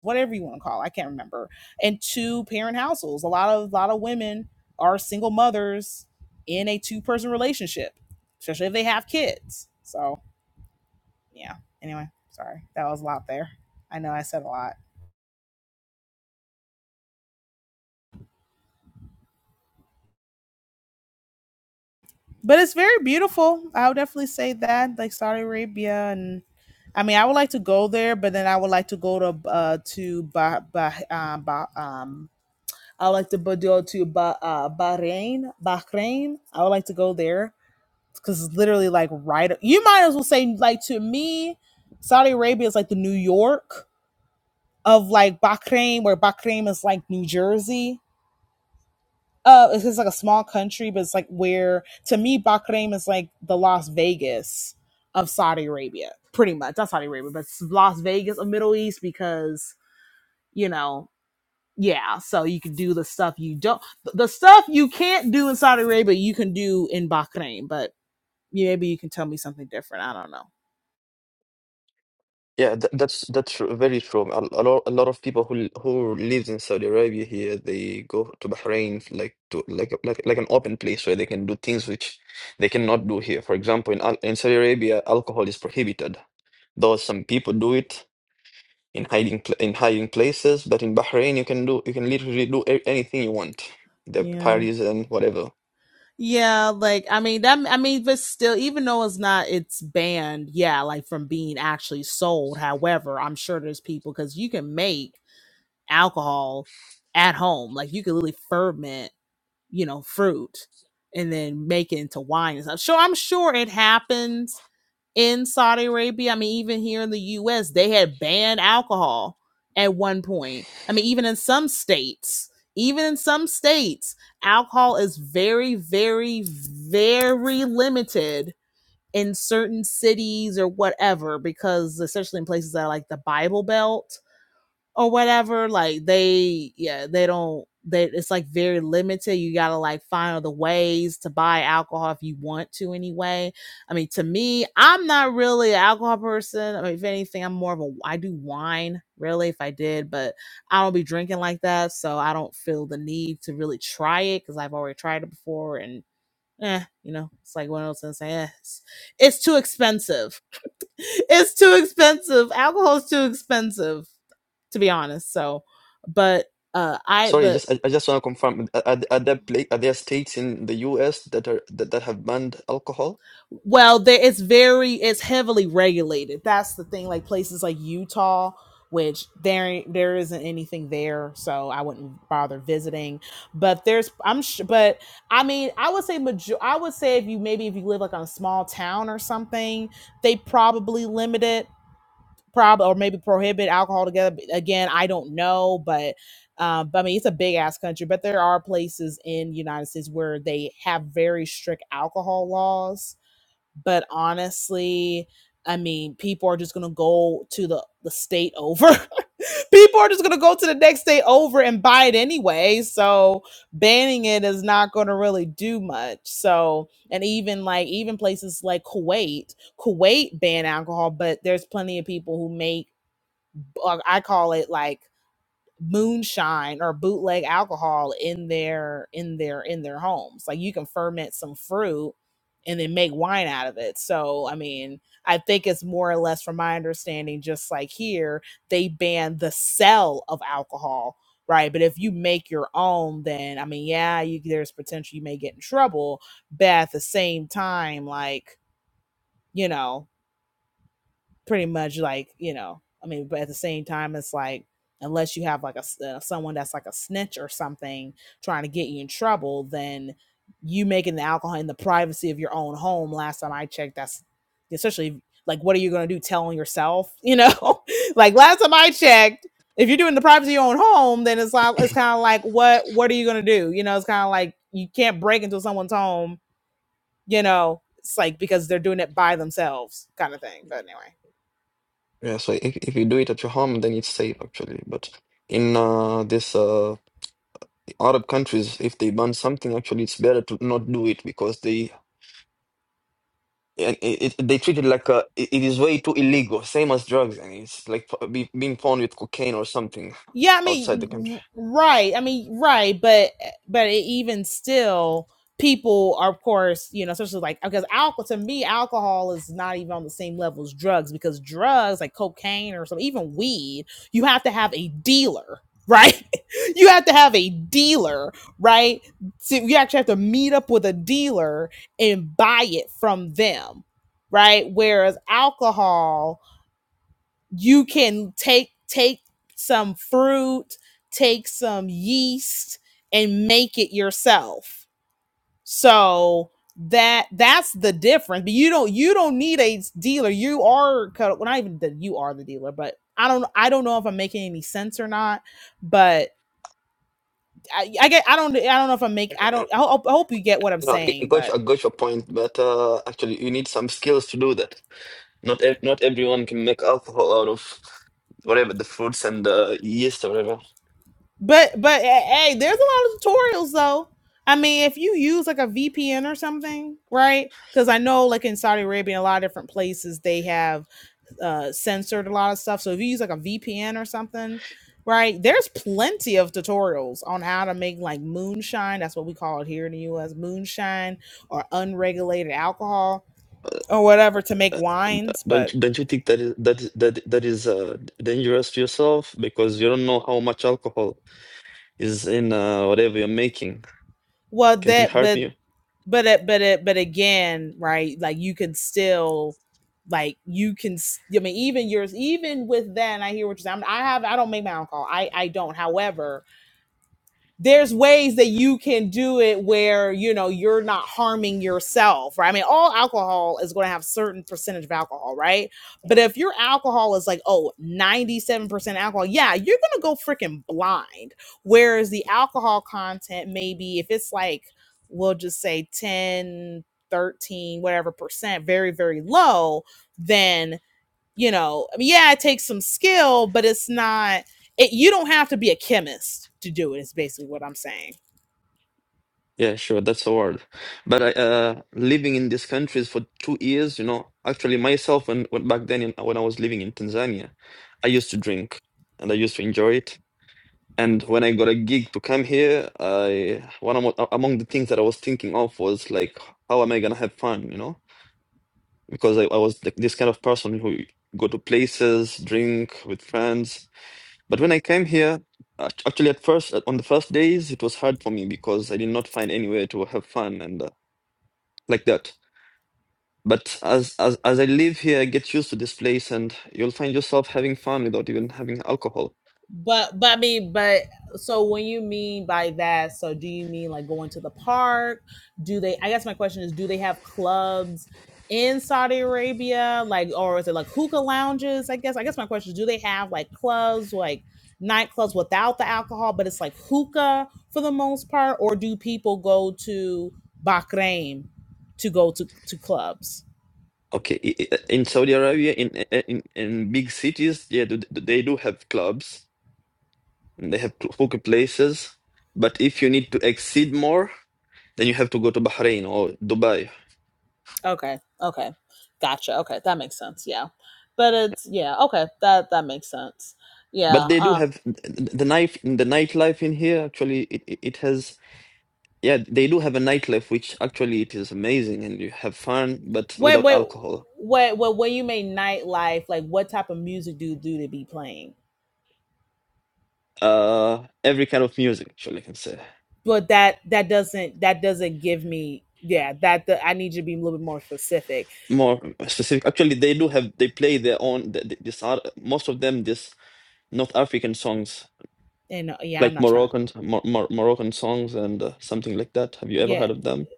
whatever you want to call. It, I can't remember. And two parent households. A lot of a lot of women are single mothers in a two person relationship, especially if they have kids. So yeah. Anyway, sorry that was a lot there. I know I said a lot. but it's very beautiful. I would definitely say that, like Saudi Arabia, and I mean, I would like to go there, but then I would like to go to uh to bah, bah, uh, bah, um I would like to bo- go to bah, uh, Bahrain, Bahrain. I would like to go there because it's literally like right. You might as well say like to me, Saudi Arabia is like the New York of like Bahrain, where Bahrain is like New Jersey uh it's just like a small country but it's like where to me bahrain is like the las vegas of saudi arabia pretty much not saudi arabia but it's las vegas of middle east because you know yeah so you can do the stuff you don't the stuff you can't do in saudi arabia you can do in bahrain but yeah, maybe you can tell me something different i don't know
Yeah, th that's that's tru- very true. A, a lot a lot of people who l- who lives in Saudi Arabia here, they go to Bahrain f- like to like a- like like an open place where they can do things which they cannot do here. For example, in Al in Saudi Arabia, alcohol is prohibited, though some people do it in hiding pl in hiding places. But in Bahrain, you can do you can literally do a anything you want, the
yeah
parties and whatever.
Yeah, like I mean that I mean but still even though it's not it's banned, yeah, like from being actually sold. However, I'm sure there's people cuz you can make alcohol at home. Like you can literally ferment, you know, fruit and then make it into wine and stuff. Sure, I'm sure it happens, in Saudi Arabia. I mean, even here in the US, they had banned alcohol at one point. I mean, even in some states, even in some states, alcohol is very, very, very limited in certain cities or whatever, because especially in places that are like the Bible Belt or whatever like they yeah they don't they it's like very limited you gotta like find other ways to buy alcohol if you want to anyway i mean to me i'm not really an alcohol person i mean if anything i'm more of a i do wine really if i did but i don't be drinking like that so i don't feel the need to really try it because i've already tried it before and eh, you know it's like one of those things like, eh, it's, it's too expensive it's too expensive alcohol is too expensive to be honest. So, but uh I
Sorry,
but
just I, I just want to confirm: are, are are there pla are there states in the U.S. that are that, that have banned alcohol?
well, there it's very it's heavily regulated. That's the thing. Like places like Utah, which there there isn't anything there, so I wouldn't bother visiting. But there's I'm sh- but I mean I would say major I would say if you maybe if you live like on a small town or something, they probably limit it. probably or maybe prohibit alcohol together. Again, I don't know, but um, but I mean it's a big ass country. But there are places in the United States where they have very strict alcohol laws but honestly i mean people are just gonna go to the the state over people are just gonna go to the next state over and buy it anyway so banning it is not gonna really do much so and even like even places like kuwait kuwait ban alcohol but there's plenty of people who make uh, i call it like moonshine or bootleg alcohol in their in their in their homes like you can ferment some fruit and then make wine out of it so i mean i think it's more or less from my understanding just like here they ban the sale of alcohol right but if you make your own then i mean yeah you, there's potential you may get in trouble but at the same time like you know pretty much like you know i mean but at the same time it's like unless you have like a uh, someone that's like a snitch or something trying to get you in trouble then you making the alcohol in the privacy of your own home last time i checked that's essentially like what are you going to do tell on yourself you know like last time i checked if you're doing the privacy of your own home then it's like it's kind of like what what are you going to do you know it's kind of like you can't break into someone's home you know it's like because they're doing it by themselves kind of thing but anyway
Yeah, so if, if you do it at your home, then it's safe actually. But in uh, this uh, Arab countries, if they ban something, actually, it's better to not do it because they and it, it, they treat it like a, it it is way too illegal, same as drugs, and it's like p- be, being found with cocaine or something
Yeah, I
outside the
mean,
country.
right. I mean, right. But but it, even still, people are, of course, you know, especially like because alcohol to me, alcohol is not even on the same level as drugs because drugs like cocaine or some even weed, you have to have a dealer. Right, you have to have a dealer, right? So you actually have to meet up with a dealer and buy it from them, right? Whereas alcohol, you can take take some fruit, take some yeast and make it yourself. So that that's the difference. But you don't you don't need a dealer. You are co- well, not even that you are the dealer, but I don't I don't know if I'm making any sense or not. But I, I get I don't I don't know if I make I don't I hope, I hope you get what I'm
No, I I
saying.
got
but.
you, I got your point, but uh, actually, you need some skills to do that. Not ev not everyone can make alcohol out of whatever the fruits and the yeast or whatever.
But but hey, hey, there's a lot of tutorials though. I mean, if you use like a VPN or something, right? Because I know like in Saudi Arabia, a lot of different places they have uh, censored a lot of stuff. So if you use like a VPN or something, right? There's plenty of tutorials on how to make like moonshine. That's what we call it here in the U.S. Moonshine or unregulated alcohol or whatever to make wines.
Don't
But
don't you think that is that is- that that is uh, dangerous to yourself because you don't know how much alcohol is in uh, whatever you're making?
well,
Can't it
that
help
but
you?
but it, but it, but again, right? Like you can still, like you can. s- I mean, even yours, even with that, and I hear what you're saying. I'm, I have, I don't make my own call. I, I don't. However, there's ways that you can do it where you know you're not harming yourself right i mean all alcohol is going to have certain percentage of alcohol right but if your alcohol is like oh, ninety-seven percent alcohol yeah you're going to go freaking blind whereas the alcohol content maybe if it's like we'll just say 10, 13, whatever percent very very low then you know i mean yeah it takes some skill but it's not it, you don't have to be a chemist to do it is basically what i'm saying
Yeah, sure, that's a word. But I, uh, living in these countries for two years, you know, actually myself when, when back then in, when I was living in Tanzania, I used to drink and I used to enjoy it. And when I got a gig to come here, I one of, among the things that I was thinking of was like, how am I gonna have fun, you know? because I, I was like this kind of person who go to places, drink with friends. But when I came here, act- actually at first, on the first days, it was hard for me because I did not find anywhere to have fun and uh, like that. But as, as as I live here, I get used to this place, and you'll find yourself having fun without even having alcohol.
But but I mean, but so when you mean by that, so do you mean like going to the park? Do they I guess my question is do they have clubs in Saudi Arabia? Like or is it like hookah lounges? I guess I guess my question is do they have like clubs, like nightclubs without the alcohol, but it's like hookah for the most part, or do people go to Bahrain to go to, to clubs?
Okay, i- i- in Saudi Arabia, in in in big cities, yeah, th- th- they do have clubs and they have hookah places. But if you need to exceed more. Then you have to go to Bahrain or Dubai.
Okay. Okay. Gotcha. Okay, that makes sense. Yeah. But it's yeah, okay. That that makes sense.
But
Yeah.
they do
Uh
have the night the nightlife in here. Actually, it it it has yeah they do have a nightlife which actually it is amazing and you have fun but
wait,
without
wait,
alcohol.
wait, wait when you make nightlife, like what type of music do you do to be playing?
Uh, every kind of music actually I can say
But that that doesn't that doesn't give me yeah, that the I need you to be a little bit more specific.
more specific. Actually, they do have they play their own th- th- this are most of them this North African songs
And uh, yeah, I'm
like
not trying.
Moroccan Mor- Mor- Moroccan songs and uh, something like that. Have you ever
Yeah.
heard of them?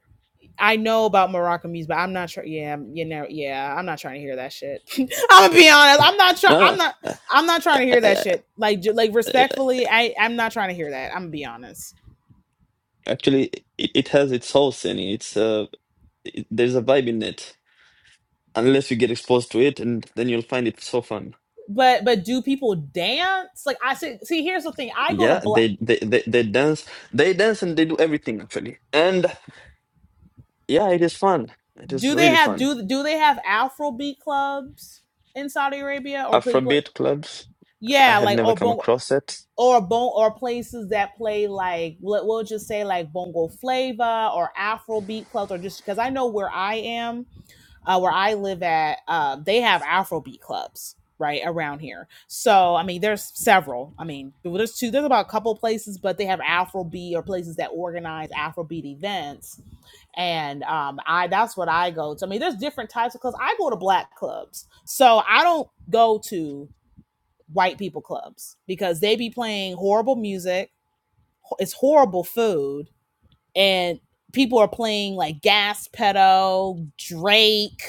I know about Moroccan music, but I'm not sure. Yeah, you know, yeah, I'm not trying to hear that shit. I'm gonna be honest. I'm not trying.
No,
I'm not.
no,
I'm not trying to
I,
hear that
I,
shit. Like, ju- like
I
respectfully, I I'm not trying to hear that. I'm gonna be honest.
Actually, it, it has its house in it. It's uh, it, there's a vibe in it. Unless you get exposed to it, and then you'll find it so fun.
But but do people dance? Like I see. See, here's the thing. I go to
Yeah,
black.
they they they, they dance, they dance, and they do everything actually. And yeah, it is fun. It is
Do they
really
have
fun.
do do they have Afrobeat clubs in Saudi Arabia or people?
Afrobeat clubs, I
Yeah,
have
like
never
or
come
bongo.
across it.
or bon or places that play like let, we'll just say like bongo flava or afrobeat clubs or just because i know where i am uh, where i live at uh, they have afrobeat clubs right around here so i mean there's several i mean well, there's two there's about a couple places but they have afrobeat or places that organize afrobeat events and um, I that's what I go to. I mean, there's different types of clubs. I go to black clubs, so I don't go to white people clubs because they be playing horrible music. It's horrible food, and people are playing like Gas Pedal, Drake,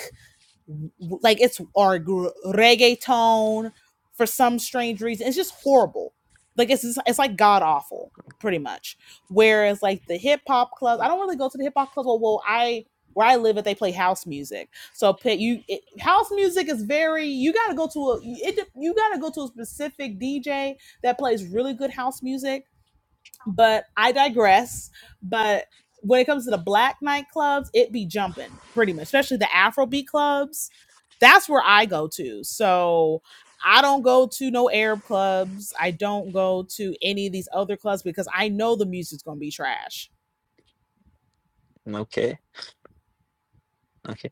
like it's our reggaeton for some strange reason. It's just horrible. Like it's it's, like god awful, pretty much. Whereas like the hip hop clubs, I don't really go to the hip hop clubs. Well, well, I where I live, if they play house music, so you it, house music is very you got to go to a it, you got to go to a specific DJ that plays really good house music but I digress. But when it comes to the black nightclubs, it be jumping pretty much, especially the Afrobeat clubs. That's where I go to. So I don't go to no Arab clubs. I don't go to any of these other clubs because I know the music's gonna be trash.
Mm, Okay, okay.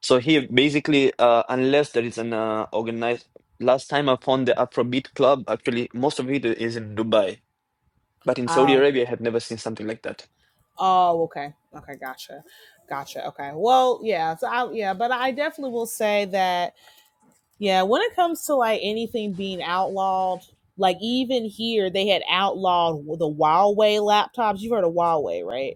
So here, basically, uh, unless there is an uh, organized. Last time I found the Afrobeat club, actually, most of it is in Dubai, but in Saudi
Oh,
Arabia, I have never seen something like that.
Oh, okay. Okay, gotcha. Gotcha. Okay. Well, yeah. So I yeah, but I definitely will say that yeah, when it comes to like anything being outlawed, like even here they had outlawed the Huawei laptops. You've heard of Huawei, right?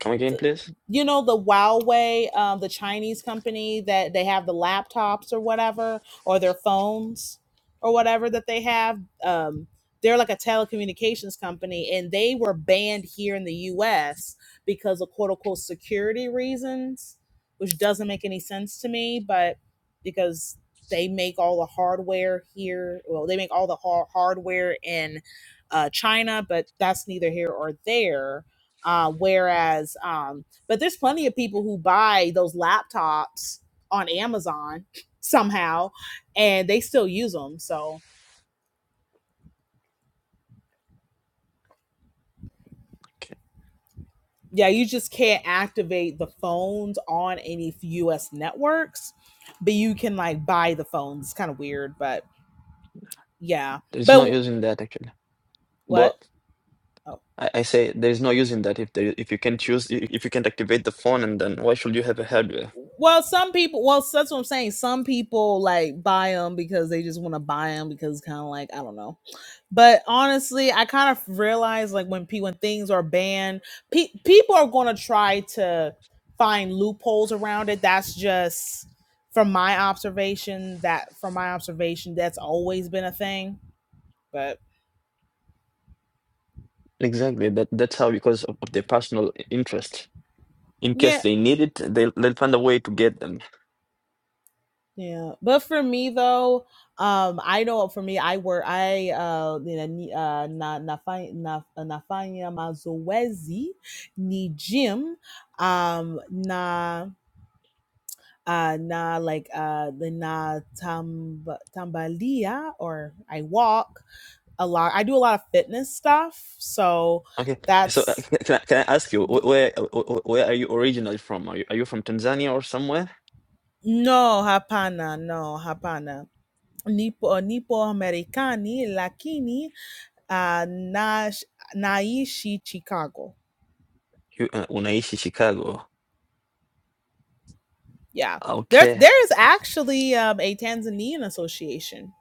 Come again, please.
you know the Huawei, um, the Chinese company that they have the laptops or whatever, or their phones or whatever that they have. Um, they're like a telecommunications company, and they were banned here in the U.S. because of quote unquote security reasons, which doesn't make any sense to me, but because they make all the hardware here, well, they make all the har- hardware in uh, China, but that's neither here or there uh, whereas, um, but there's plenty of people who buy those laptops on Amazon somehow, and they still use them. So
Okay.
yeah, you just can't activate the phones on any U.S. networks, but you can like buy the phones. It's kind of weird, but yeah.
There's no
But
use in that actually.
what?
But
Oh.
I, I say there's no use in that if there, if you can choose if if you can't activate the phone and then why should you have a hardware?
Well, some people. Well, that's what I'm saying. Some people like buy them because they just want to buy them because it's kind of like I don't know But honestly, I kind of realize like when pe- when things are banned, pe- people are going to try to find loopholes around it. That's just from my observation. That from my observation, that's always been a thing. But
Exactly. That that's how because of, of their personal interest. In case
yeah,
they need it, they'll they'll find a way to get them.
yeah. But for me though, um, I know for me, I work. I uh, you know, ni- uh, na nafa- na nafanya mazoezi ni gym um na uh na like uh the na tam tambalia or I walk a lot. I do a lot of fitness stuff, so
Okay. So uh,
that's
can can I, can I ask you wh- where uh, wh- wh- where are you originally from? Are you are you from Tanzania or somewhere?
no hapana, no hapana. Nipo nipo Americani lakini uh na naishi Chicago.
You uh, unaishi Chicago.
Yeah. There
Okay.
there is actually um, a Tanzanian association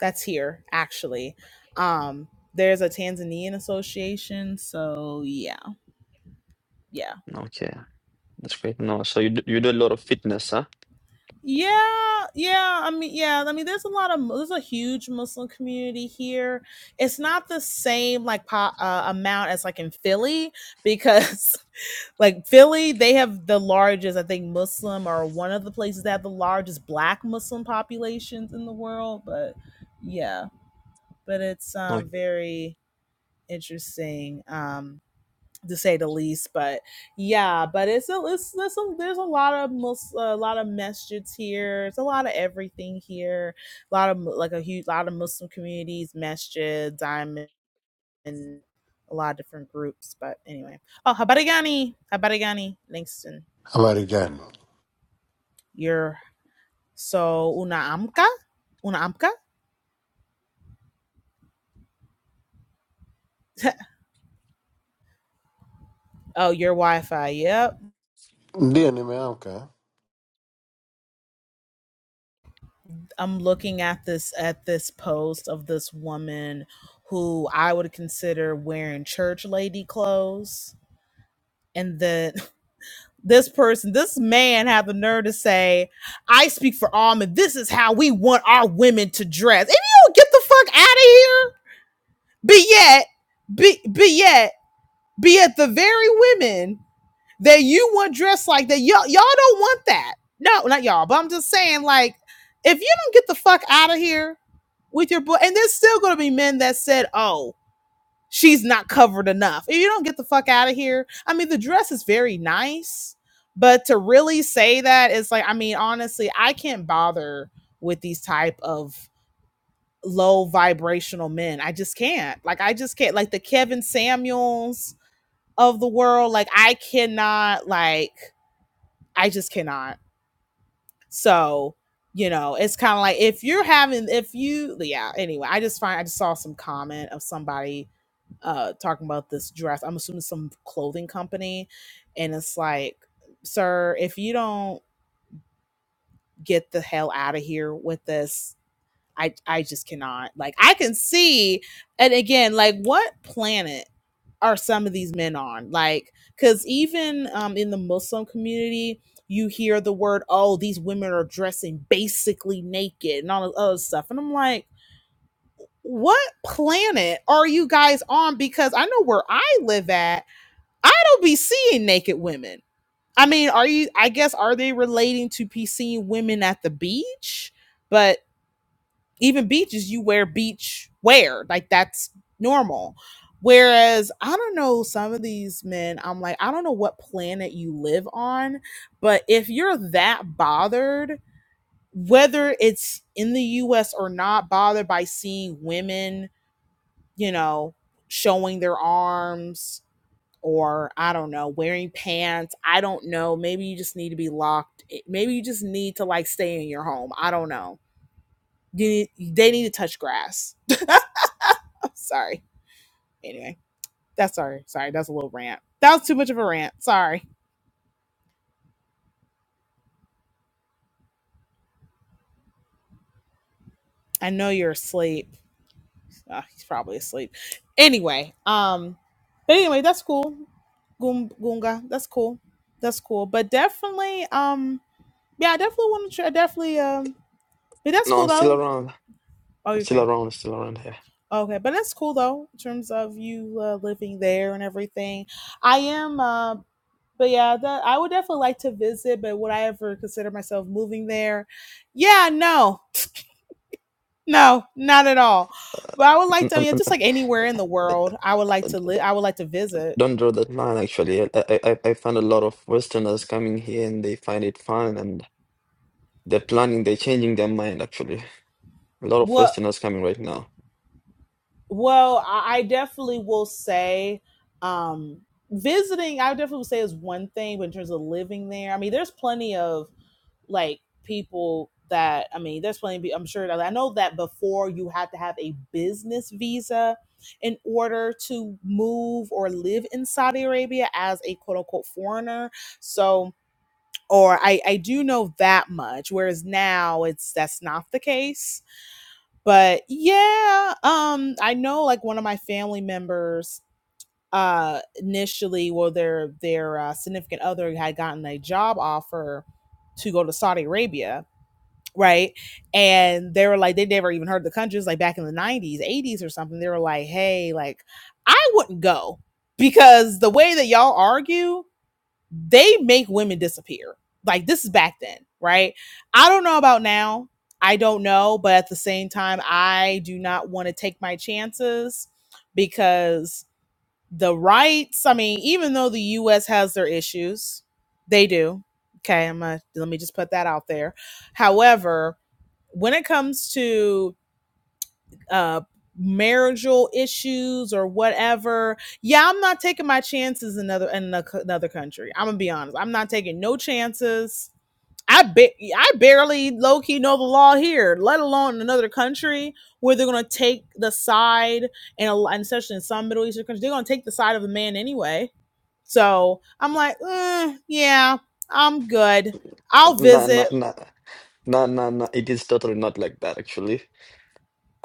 that's here actually. Um there's a Tanzanian association, so yeah yeah
Okay. That's great. No. So you do, you do a lot of fitness, huh?
yeah yeah i mean yeah i mean there's a lot of there's a huge muslim community here it's not the same like po- uh, amount as like in philly because like philly they have the largest i think muslim or one of the places that have the largest black muslim populations in the world but yeah but it's
No.
um very interesting um to say the least. But yeah, but it's a it's, there's a there's a lot of most a lot of masjids here. It's a lot of everything here. A lot of like a huge lot of Muslim communities, masjids, am in a lot of different groups. But anyway, oh Habarigani, Habarigani Langston,
Habari gani?
you're so una amka, una amka. Oh, your Wi-Fi. Yep
Ndiyo, nimeamka.
I'm looking at this at this post of this woman who I would consider wearing church lady clothes. And then this person, this man had the nerve to say, I speak for all men. This is how we want our women to dress. And you don't get the fuck out of here. But yet, but, but yet, but yet the very women that you want dressed like that. Y'all, y'all don't want that. No, not y'all, but I'm just saying, like, if you don't get the fuck out of here with your boy, and there's still gonna be men that said, oh, she's not covered enough. If you don't get the fuck out of here, I mean, the dress is very nice, but to really say that is like, I mean, honestly, I can't bother with these type of low vibrational men. I just can't. Like, I just can't. Like the Kevin Samuels of the world, like I cannot like I just cannot. So, you know, it's kind of like if you're having, if you, yeah, anyway, I just find, I just saw some comment of somebody uh talking about this dress. I'm assuming some clothing company. And it's like, sir, if you don't get the hell out of here with this, I I just cannot. Like I can see, and again, like what planet are some of these men on? Like, because even um, in the Muslim community, you hear the word, "Oh, these women are dressing basically naked" and all this other stuff, and I'm like, what planet are you guys on? Because I know where I live at, I don't be seeing naked women. I mean, are you? I guess are they relating to be seeing women at the beach? But even beaches you wear beach wear like that's normal whereas i don't know some of these men i'm like i don't know what planet you live on but if you're that bothered whether it's in the us or not bothered by seeing women you know showing their arms or i don't know wearing pants i don't know maybe you just need to be locked eh, maybe you just need to like stay in your home i don't know you need, they need to touch grass Sorry. Anyway, that's sorry. Sorry, that's a little rant. That was too much of a rant. Sorry. I know you're asleep. Ah, he's probably asleep. Anyway, um, but anyway, that's cool. Goom- Goonga, that's cool. That's cool. But definitely, um, yeah, I definitely want to. Try, definitely, um, but that's
No,
cool
I'm still
though.
around.
Oh,
I'm still
okay,
around. Still around
okay, but that's cool though in terms of you uh, living there and everything. I am. uh, but yeah, that I would definitely like to visit, but would I ever consider myself moving there? Yeah, no, no, not at all. But I would like to. I
here.
mean, just like anywhere in the world, I would like to live. I would like to visit.
Don't draw that line, actually. I, I, I I find a lot of Westerners coming here and they find it fun and they're planning, they're changing their mind, actually. A lot of
Well,
Westerners coming right now.
well, I I definitely will say, um, visiting. I would definitely would say is one thing, but in terms of living there, I mean, there's plenty of like people that I mean, there's plenty. Of, I'm sure I know that before you had to have a business visa in order to move or live in Saudi Arabia as a quote unquote foreigner. So, or I I do know that much. Whereas now it's that's not the case. But yeah, um, I know like one of my family members uh initially well their their uh, significant other had gotten a job offer to go to Saudi Arabia right? And they were like, they never even heard the country. It was like back in the 90s, 80s or something. They were like, hey, like, I wouldn't go because the way that y'all argue, they make women disappear. Like, this is back then, right? I don't know about now. I don't know. But at the same time, I do not want to take my chances because the rights, I mean, even though the US has their issues, they do. Okay, I'm gonna let me just put that out there. However, when it comes to uh marital issues or whatever yeah i'm not taking my chances in another in another country i'm gonna be honest i'm not taking no chances i ba- i barely low-key know the law here let alone in another country where they're gonna take the side and, and especially in some middle eastern countries they're gonna take the side of the man anyway so i'm like eh, yeah i'm good i'll
Nah,
visit
nah, nah, nah, nah, nah. It is totally not like that, actually.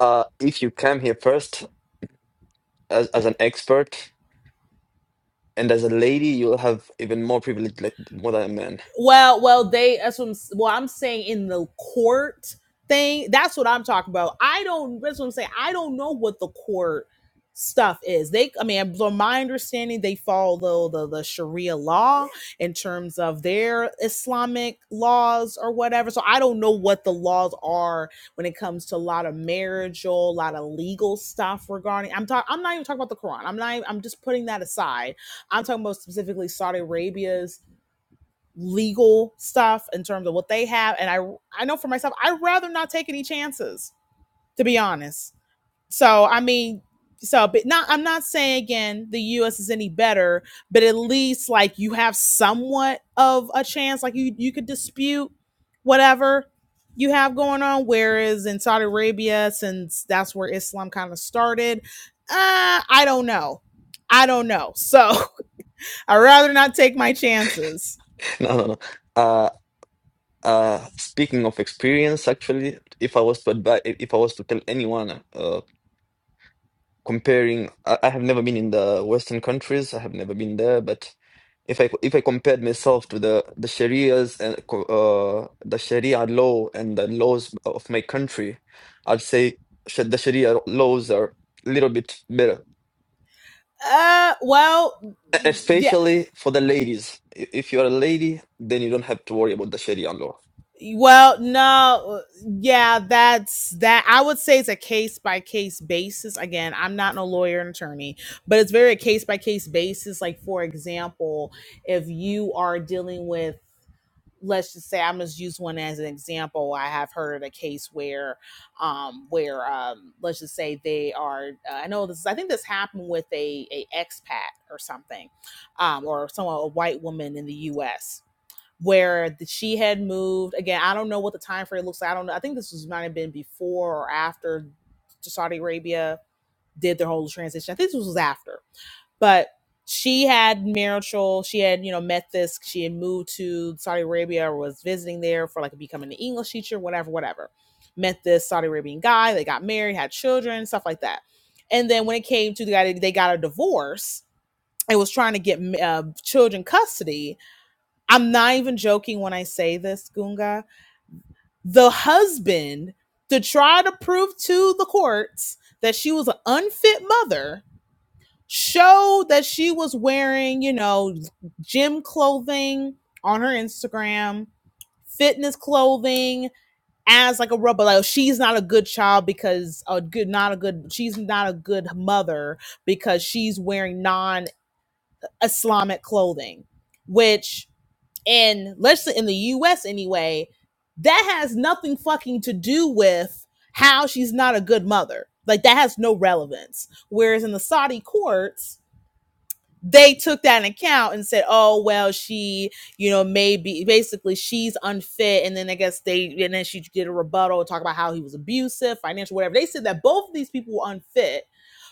Uh, if you come here first as, as an expert and as a lady, you'll have even more privilege, like more than a man.
Well, well, they that's what I'm, s- well, I'm saying in the court thing. That's what I'm talking about. I don't. That's what I'm saying. I don't know what the court stuff is. They, I mean, from my understanding, they follow the the the Sharia law in terms of their Islamic laws or whatever. So I don't know what the laws are when it comes to a lot of marital, a lot of legal stuff regarding. I'm talking. I'm not even talking about the Quran. I'm not. Even, I'm just putting that aside. I'm talking about specifically Saudi Arabia's legal stuff in terms of what they have and i i know for myself i'd rather not take any chances to be honest so i mean so but not i'm not saying again the us is any better but at least like you have somewhat of a chance like you you could dispute whatever you have going on whereas in saudi arabia since that's where islam kind of started uh i don't know i don't know so i'd rather not take my chances
No, no, no. Uh, uh, speaking of experience, actually, if I was to advise, if I was to tell anyone, uh. comparing I, I have never been in the Western countries. I have never been there, but if I if I compared myself to the the Sharia's and co- uh, the Sharia law and the laws of my country, I'd say sh- the Sharia laws are a little bit better,
Uh, well,
E-
yeah.
especially for the ladies. I- If you're a lady, then you don't have to worry about the Sharia law.
Well, no, yeah, that's that. I would say it's a case by case basis. Again, I'm not no lawyer and attorney, but it's very a case by case basis. Like, for example, if you are dealing with, let's just say, I'm just use one as an example. I have heard of a case where, um, where um, let's just say they are. Uh, I know this. I think this happened with a a expat or something, um, or someone a white woman in the U.S where the, she had moved again. I don't know what the time frame looks like. I don't know. I think this was might have been before or after Saudi Arabia did their whole transition. I think this was after, but she had marital. She had you know met this. She had moved to Saudi Arabia or was visiting there for like becoming an English teacher, whatever, whatever. Met this Saudi Arabian guy. They got married, had children, stuff like that. And then when it came to the guy, they got a divorce and was trying to get uh, children custody I'm not even joking when I say this, Gunga. The husband, to try to prove to the courts that she was an unfit mother, showed that she was wearing, you know, gym clothing on her Instagram, fitness clothing as like a rubber. Like oh, she's not a good child because a good, not a good. She's not a good mother because she's wearing non-Islamic clothing, which in let's say in the US anyway, that has nothing fucking to do with how she's not a good mother. Like that has no relevance. Whereas in the Saudi courts, they took that in account and said, "Oh well, she, you know, maybe basically she's unfit." And then I guess they, and then she did a rebuttal, talk about how he was abusive, financial, whatever. They said that both of these people were unfit,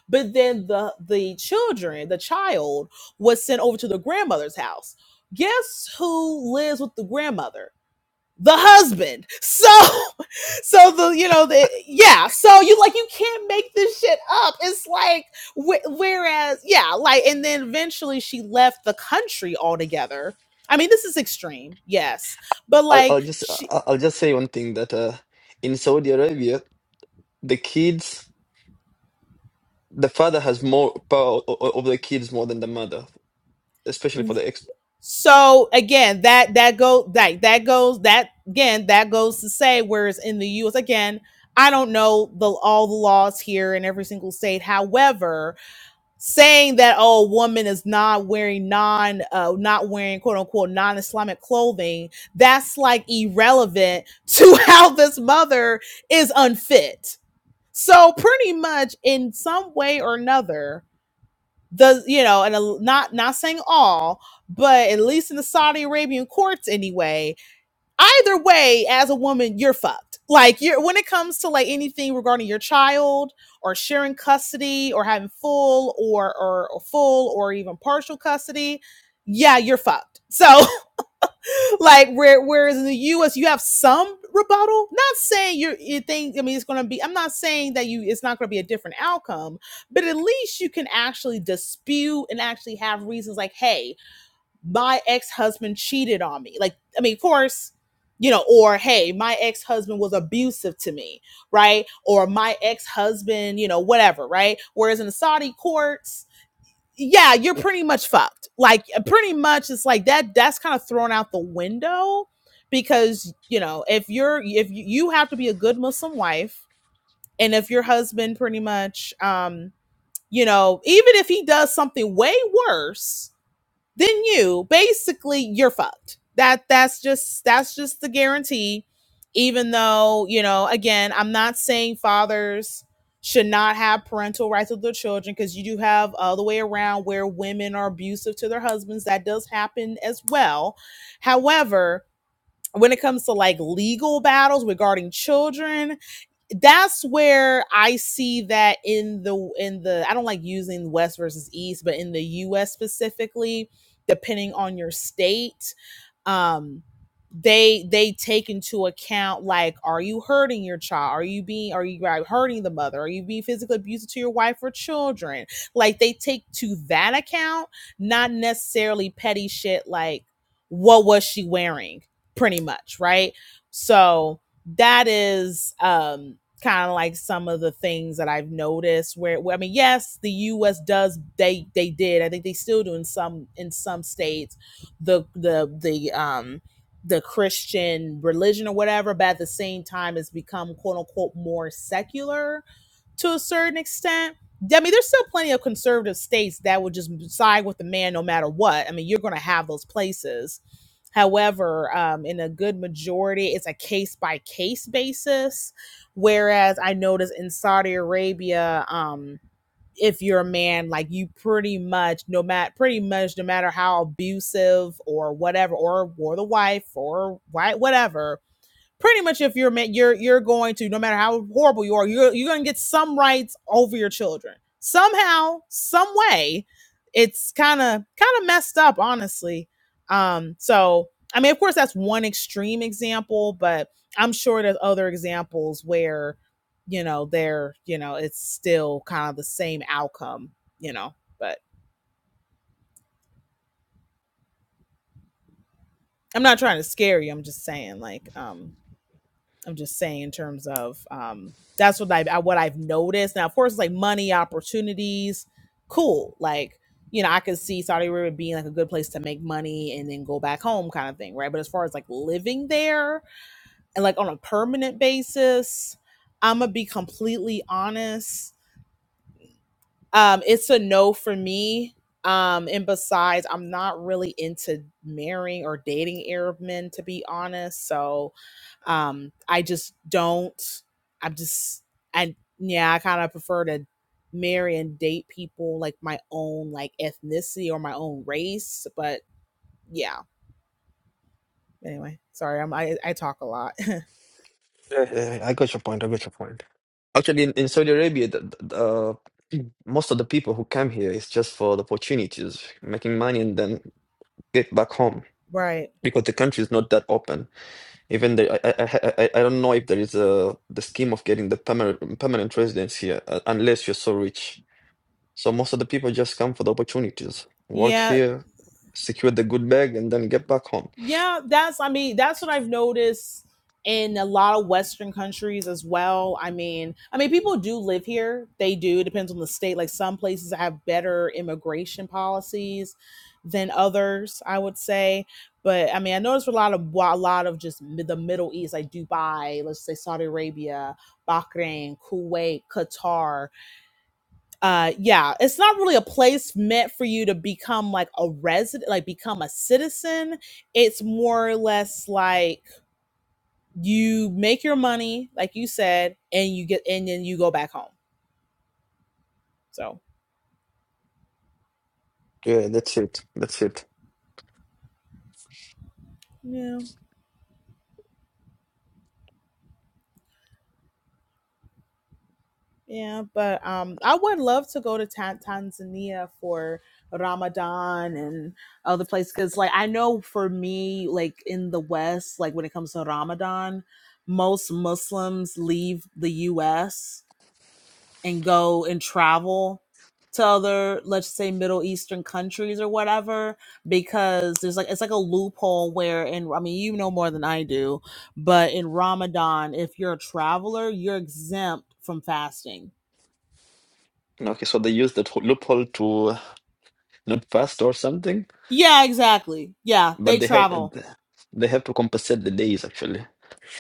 but then the the children, the child, was sent over to the grandmother's house. Guess who lives with the grandmother? The husband. So, so the you know the yeah. So you like you can't make this shit up. It's like wh- whereas yeah, like and then eventually she left the country altogether. I mean, this is extreme, yes, but
I'll,
like
I'll just
she.
I- I'll just say one thing that uh, in Saudi Arabia, the kids the father has more power o- o- over the kids more than the mother especially for the exp.
So again, that that go that that goes that again that goes to say whereas in the U.S. again, I don't know the all the laws here in every single state. However, saying that oh, a woman is not wearing non uh, not wearing quote unquote non Islamic clothing, that's like irrelevant to how this mother is unfit. So pretty much in some way or another, the you know and a, not not saying all but at least in the saudi arabian courts anyway either way as a woman you're fucked like you're when it comes to like anything regarding your child or sharing custody or having full or or, or full or even partial custody yeah you're fucked so like where whereas in the U.S. you have some rebuttal. Not saying you're you think I mean it's going to be. I'm not saying that you it's not going to be a different outcome, but at least you can actually dispute and actually have reasons like, hey, my ex husband cheated on me. Like I mean, of course. You know, or hey, my ex husband was abusive to me, right? Or my ex husband, you know, whatever, right? Whereas in the Saudi courts, yeah, you're pretty much fucked. Like uh, pretty much it's like that that's kind of thrown out the window because, you know, if you're if you, you have to be a good Muslim wife and if your husband pretty much um, you know, even if he does something way worse, then you basically you're fucked that that's just that's just the guarantee even though you know again i'm not saying fathers should not have parental rights with their children because you do have uh, the way around where women are abusive to their husbands that does happen as well however when it comes to like legal battles regarding children that's where I see that in the in the I don't like using West versus East, but in the US specifically, depending on your state, um they they take into account like are you hurting your child are you being are you like, hurting the mother are you being physically abusive to your wife or children like they take to that account not necessarily petty shit like what was she wearing pretty much right so that is um kind of like some of the things that I've noticed where, where I mean yes the US does they they did I think they still do in some in some states the the the um the Christian religion or whatever but at the same time it's become quote unquote more secular to a certain extent I mean there's still plenty of conservative states that would just side with the man no matter what I mean you're going to have those places However, um, in a good majority, it's a case by case basis. Whereas I notice in Saudi Arabia, um, if you're a man, like you pretty much no matter pretty much no matter how abusive or whatever, or or the wife or why whatever, pretty much if you're you're you're going to no matter how horrible you are you're you're going to get some rights over your children somehow some way it's kind of kind of messed up honestly um so i mean of course that's one extreme example but i'm sure there's other examples where you know they're you know it's still kind of the same outcome you know but i'm not trying to scare you i'm just saying like um I'm just saying in terms of um that's what I what I've noticed. Now, of course, it's like money opportunities, cool. Like you know, I could see Saudi Arabia being like a good place to make money and then go back home, kind of thing, right? But as far as like living there and like on a permanent basis, I'm gonna be completely honest um it's a no for me um and besides i'm not really into marrying or dating arab men to be honest so um i just don't i'm just and yeah i kind of prefer to marry and date people like my own like ethnicity or my own race but yeah anyway sorry i'm i, I talk a lot
Yeah, yeah, I got your point. I got your point. Actually, in, in Saudi Arabia, the, the, uh, most of the people who come here is just for the opportunities, making money, and then get back home
right
because the country is not that open. Even the, I, I, I, I I don't know if there is a the scheme of getting the permanent permanent residence here uh, unless you're so rich. So most of the people just come for the opportunities, work
yeah
here, secure the good bag, and then get back home.
yeah that's i mean that's what i've noticed in a lot of western countries as well i mean i mean people do live here they do it depends on the state like some places have better immigration policies than others i would say but i mean i noticed a lot of a lot of just mi- the middle east like dubai let's say saudi arabia bahrain kuwait qatar uh yeah it's not really a place meant for you to become like a resident like become a citizen it's more or less like you make your money like you said and you get and then you go back home so
Yeah, that's it. That's it.
yeah yeah but um i would love to go to Ta- tanzania for ramadan and other places because like i know for me like in the west like when it comes to ramadan most muslims leave the us and go and travel to other let's say middle eastern countries or whatever because there's like it's like a loophole where in i mean you know more than i do but in ramadan if you're a traveler you're exempt from fasting
Okay, so they use that loophole to not fast or something,
yeah exactly yeah
but
they
they have
travel
they have to compensate the days actually.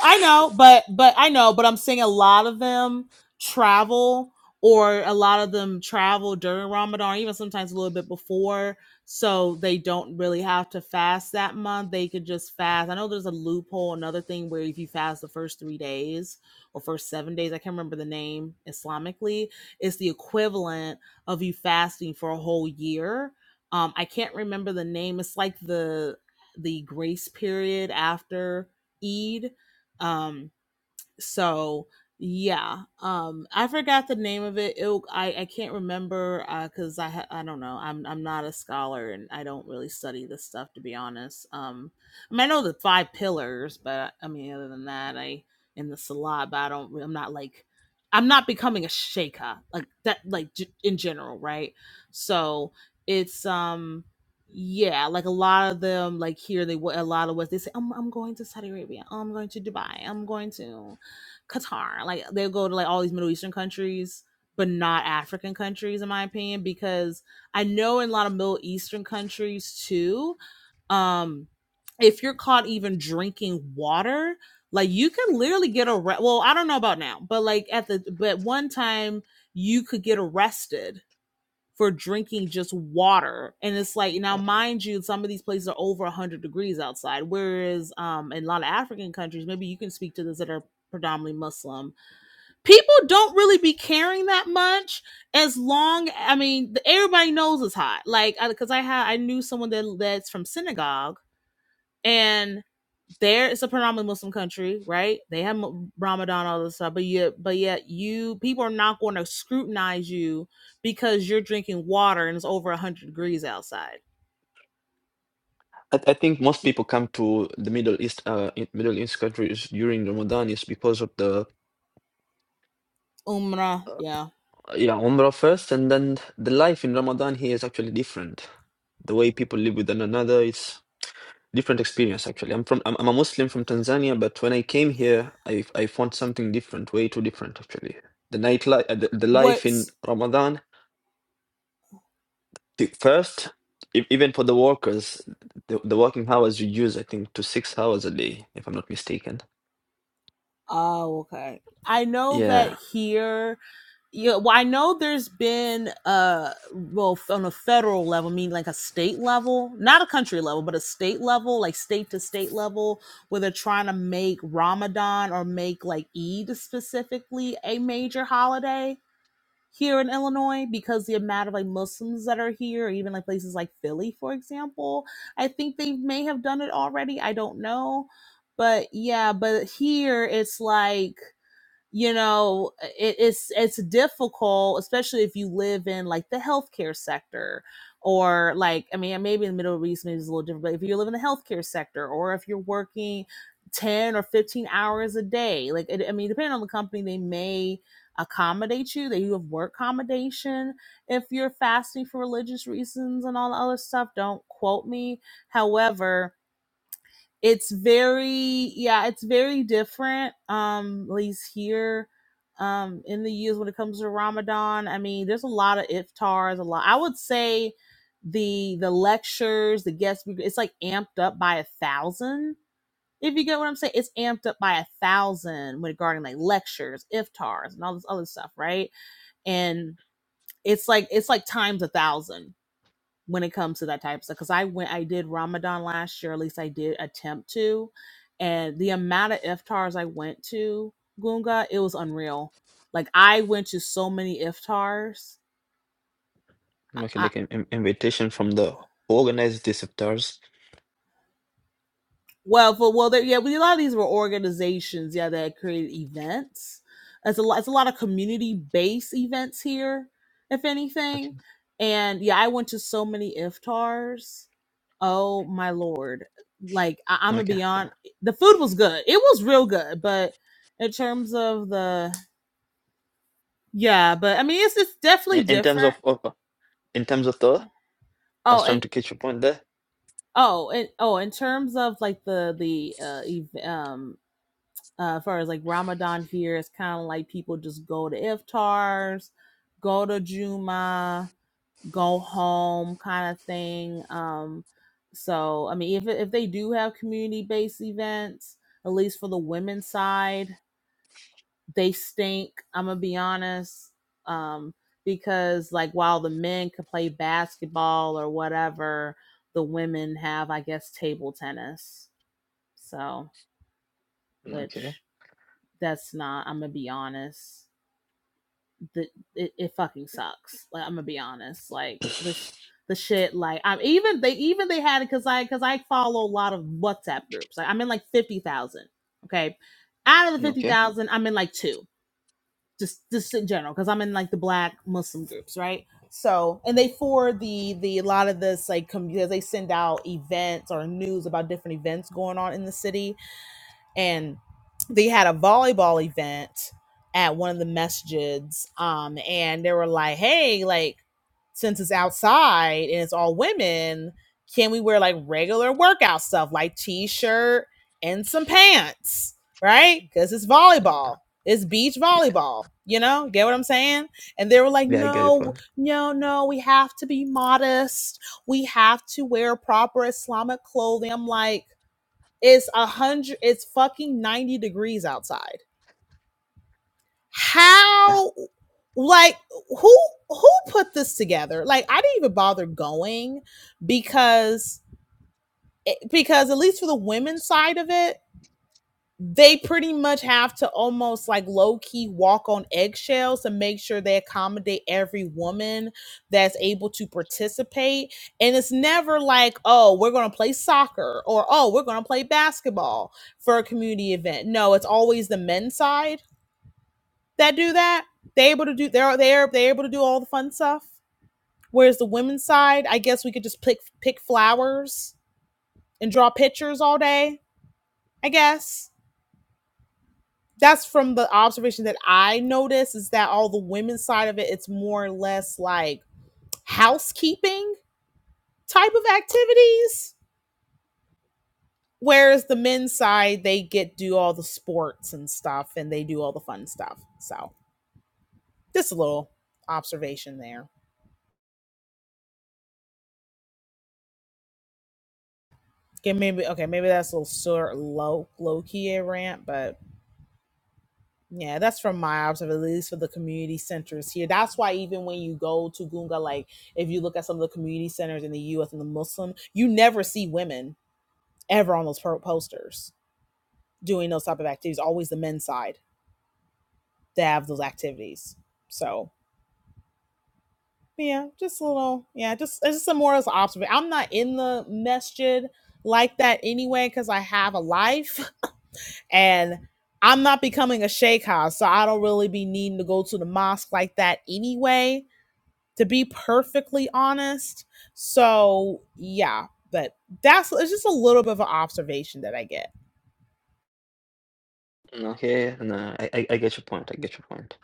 I know, but but I know, but I'm saying a lot of them travel or a lot of them travel during Ramadan, even sometimes a little bit before, so they don't really have to fast that month. They could just fast. I know there's a loophole, another thing where if you fast the first three days or first seven days, I can't remember the name Islamically, it's the equivalent of you fasting for a whole year. Um, I can't remember the name. It's like the the grace period after Eid um, so yeah um i forgot the name of it it i, I can't remember because i ha- i don't know i'm i'm not a scholar and i don't really study this stuff to be honest um i mean i know the five pillars but i mean other than that i in the Salah, but i don't i'm not like i'm not becoming a shaker like that like g- in general right so it's um yeah, like a lot of them, like here, they a lot of what they say. I'm, I'm going to Saudi Arabia. I'm going to Dubai. I'm going to. Qatar. Like they'll go to like all these Middle Eastern countries, but not African countries, in my opinion, because I know in a lot of Middle Eastern countries too, um, if you're caught even drinking water, like you can literally get arrested. Well, I don't know about now, but like at the but one time you could get arrested for drinking just water. And it's like now, mind you, some of these places are over one hundred degrees outside. Whereas um in a lot of African countries, maybe you can speak to this that are predominantly Muslim, people don't really be caring that much as long I mean, everybody knows it's hot. Like because I had I knew someone that that's from synagogue and there it's a predominantly Muslim country, right? They have Ramadan, all this stuff, but yet, but yet, you people are not going to scrutinize you because you're drinking water and it's over one hundred degrees outside.
I, I think most people come to the Middle East, uh, in- Middle East countries during Ramadan is because of the
Umrah, yeah.
yeah Umrah first, and then the life in Ramadan here is actually different. The way people live with one another, it's different experience actually. I'm from I'm, I'm a Muslim from Tanzania, but when I came here, I I found something different, way too different actually. The nightlife, the, the life in
What's
Ramadan the first e- even for the workers the, the working hours you i think to six hours a day if i'm not mistaken
Oh, okay. I know that
yeah
here, yeah. Well, I know there's been uh, well, on a federal level, I mean like a state level, not a country level, but a state level, like state to state level, where they're trying to make Ramadan or make like Eid specifically a major holiday here in Illinois because the amount of like Muslims that are here, or even like places like Philly, for example. I think they may have done it already. I don't know. But yeah, but here it's like you know it, it's it's difficult especially if you live in like the healthcare sector or like i mean maybe in the middle east maybe it's a little different but if you live in the healthcare sector or if you're working 10 or 15 hours a day like it, i mean depending on the company they may accommodate you that you have work accommodation if you're fasting for religious reasons and all the other stuff don't quote me however it's very yeah it's very different um at least here um in the us when it comes to ramadan i mean there's a lot of iftars a lot i would say the the lectures the guest it's like amped up by a thousand if you get what i'm saying it's amped up by a thousand regarding like lectures iftars and all this other stuff right and it's like it's like times a thousand when it comes to that type of stuff. Because I went, I did Ramadan last year, at least I did attempt to, and the amount of iftars I went to Gunga, it was unreal. Like I went to so many iftars.
okay
I
like an in- invitation from the organized disruptors
Well, for well, there, yeah, we, a lot of these were organizations, yeah, that created events. It's a lot. It's a lot of community-based events here, if anything.
okay
And yeah, I went to so many iftars. Oh my lord! Like I, I'm gonna
okay
be on. The food was good. It was real good, but in terms of the yeah, but I mean, it's it's
in,
definitely
in terms
different.
of, of in terms of the i was
Oh,
trying
and
to catch your point there
oh, and oh, in terms of like the the uh, ev- um uh, as far as like Ramadan here, it's kind of like people just go to iftars, go to Juma, go home kind of thing. Um, so I mean, if if they do have community based events, at least for the women's side, they stink. I'm gonna be honest, um, because like while the men could play basketball or whatever, the women have I guess table tennis. So
okay
which that's not. I'm gonna be honest the it, it fucking sucks. Like I'm gonna be honest. Like the sh- the shit. Like I'm even they even they had it because I because I follow a lot of WhatsApp groups. Like I'm in like fifty thousand. Okay, out of the fifty
okay
thousand, I'm in like two. Just just in general because I'm in like the Black Muslim groups, right? So and they for the the a lot of this like com- because they send out events or news about different events going on in the city and they had a volleyball event at one of the messages um and they were like hey like since it's outside and it's all women can we wear like regular workout stuff like t-shirt and some pants right because it's
Mm,
volleyball it's beach
yeah,
volleyball you know get what i'm saying and they were like
yeah i get your
no
point
no no we have to be modest we have to wear proper islamic clothing i'm like it's a hundred. It's fucking ninety degrees outside. How? Like who? Who put this together? Like I didn't even bother going because eh, because at least for the women's side of it, they pretty much have to almost like low key walk on eggshells to make sure they accommodate every woman that's able to participate. And it's never like, oh, we're going to play soccer or oh, we're going to play basketball for a community event. No, it's always the men's side that do that. They able to do they're they're they're able to do all the fun stuff. Whereas the women's side, I guess we could just pick pick flowers and draw pictures all day. I guess that's from the observation that I noticed is that all the women's side of it, it's more or less like housekeeping type of activities. Whereas the men's side, they get do all the sports and stuff and they do all the fun stuff. So just a little observation there. Okay, maybe okay, maybe that's a little sort of low low key a rant, but Yeah, that's from my observation, at least for the community centers here. That's why even when you go to Gunga, like if you look at some of the community centers in the U.S. and the Muslim, you never see women ever on those pro- posters doing those type of activities. Always the men's side that have those activities. So yeah, just a little yeah, just it's just a more as observation. I'm not in the masjid like that anyway because I have a life and I'm not becoming a sheikh, so I don't really be needing to go to the mosque like that anyway to be perfectly honest. So yeah, but that's it's just a little bit of an observation that I get.
okay no I, I i get your point i get your point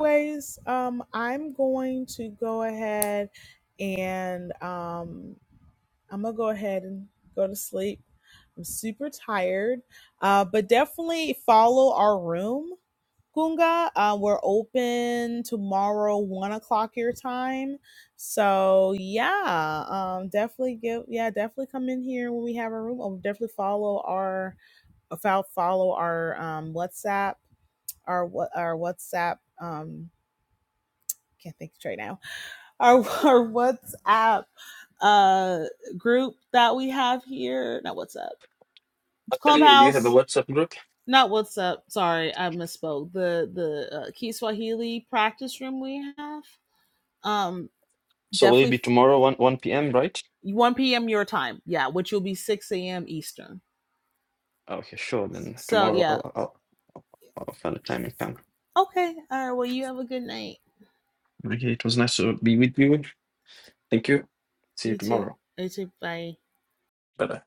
Anyways, um, I'm going to go ahead and um, I'm gonna go ahead and go to sleep. I'm super tired, uh, but definitely follow our room Kunga, Uh, we're open tomorrow, one o'clock your time. So yeah, um, definitely give yeah, definitely come in here when we have a room. Or definitely follow our fo- follow our um, WhatsApp our what our WhatsApp um can't think straight now our our WhatsApp uh group that we have here not WhatsApp it's
actually do you have a
Clubhouse
whatsapp group
not WhatsApp sorry I misspoke the the uh, Key practice room we have Um,
so will it
definitely
be tomorrow 1 1 p.m right
1 p.m. your time. Yeah, which will be 6 a.m. Eastern.
okay sure then
So
tomorrow i'll
yeah.
i'll, I'll I'll find a time and come
Okay. All right. Well, you have a good night.
Okay, it was nice to be with you. Thank you. See you
You too.
tomorrow.
You too. Bye.
Bye bye.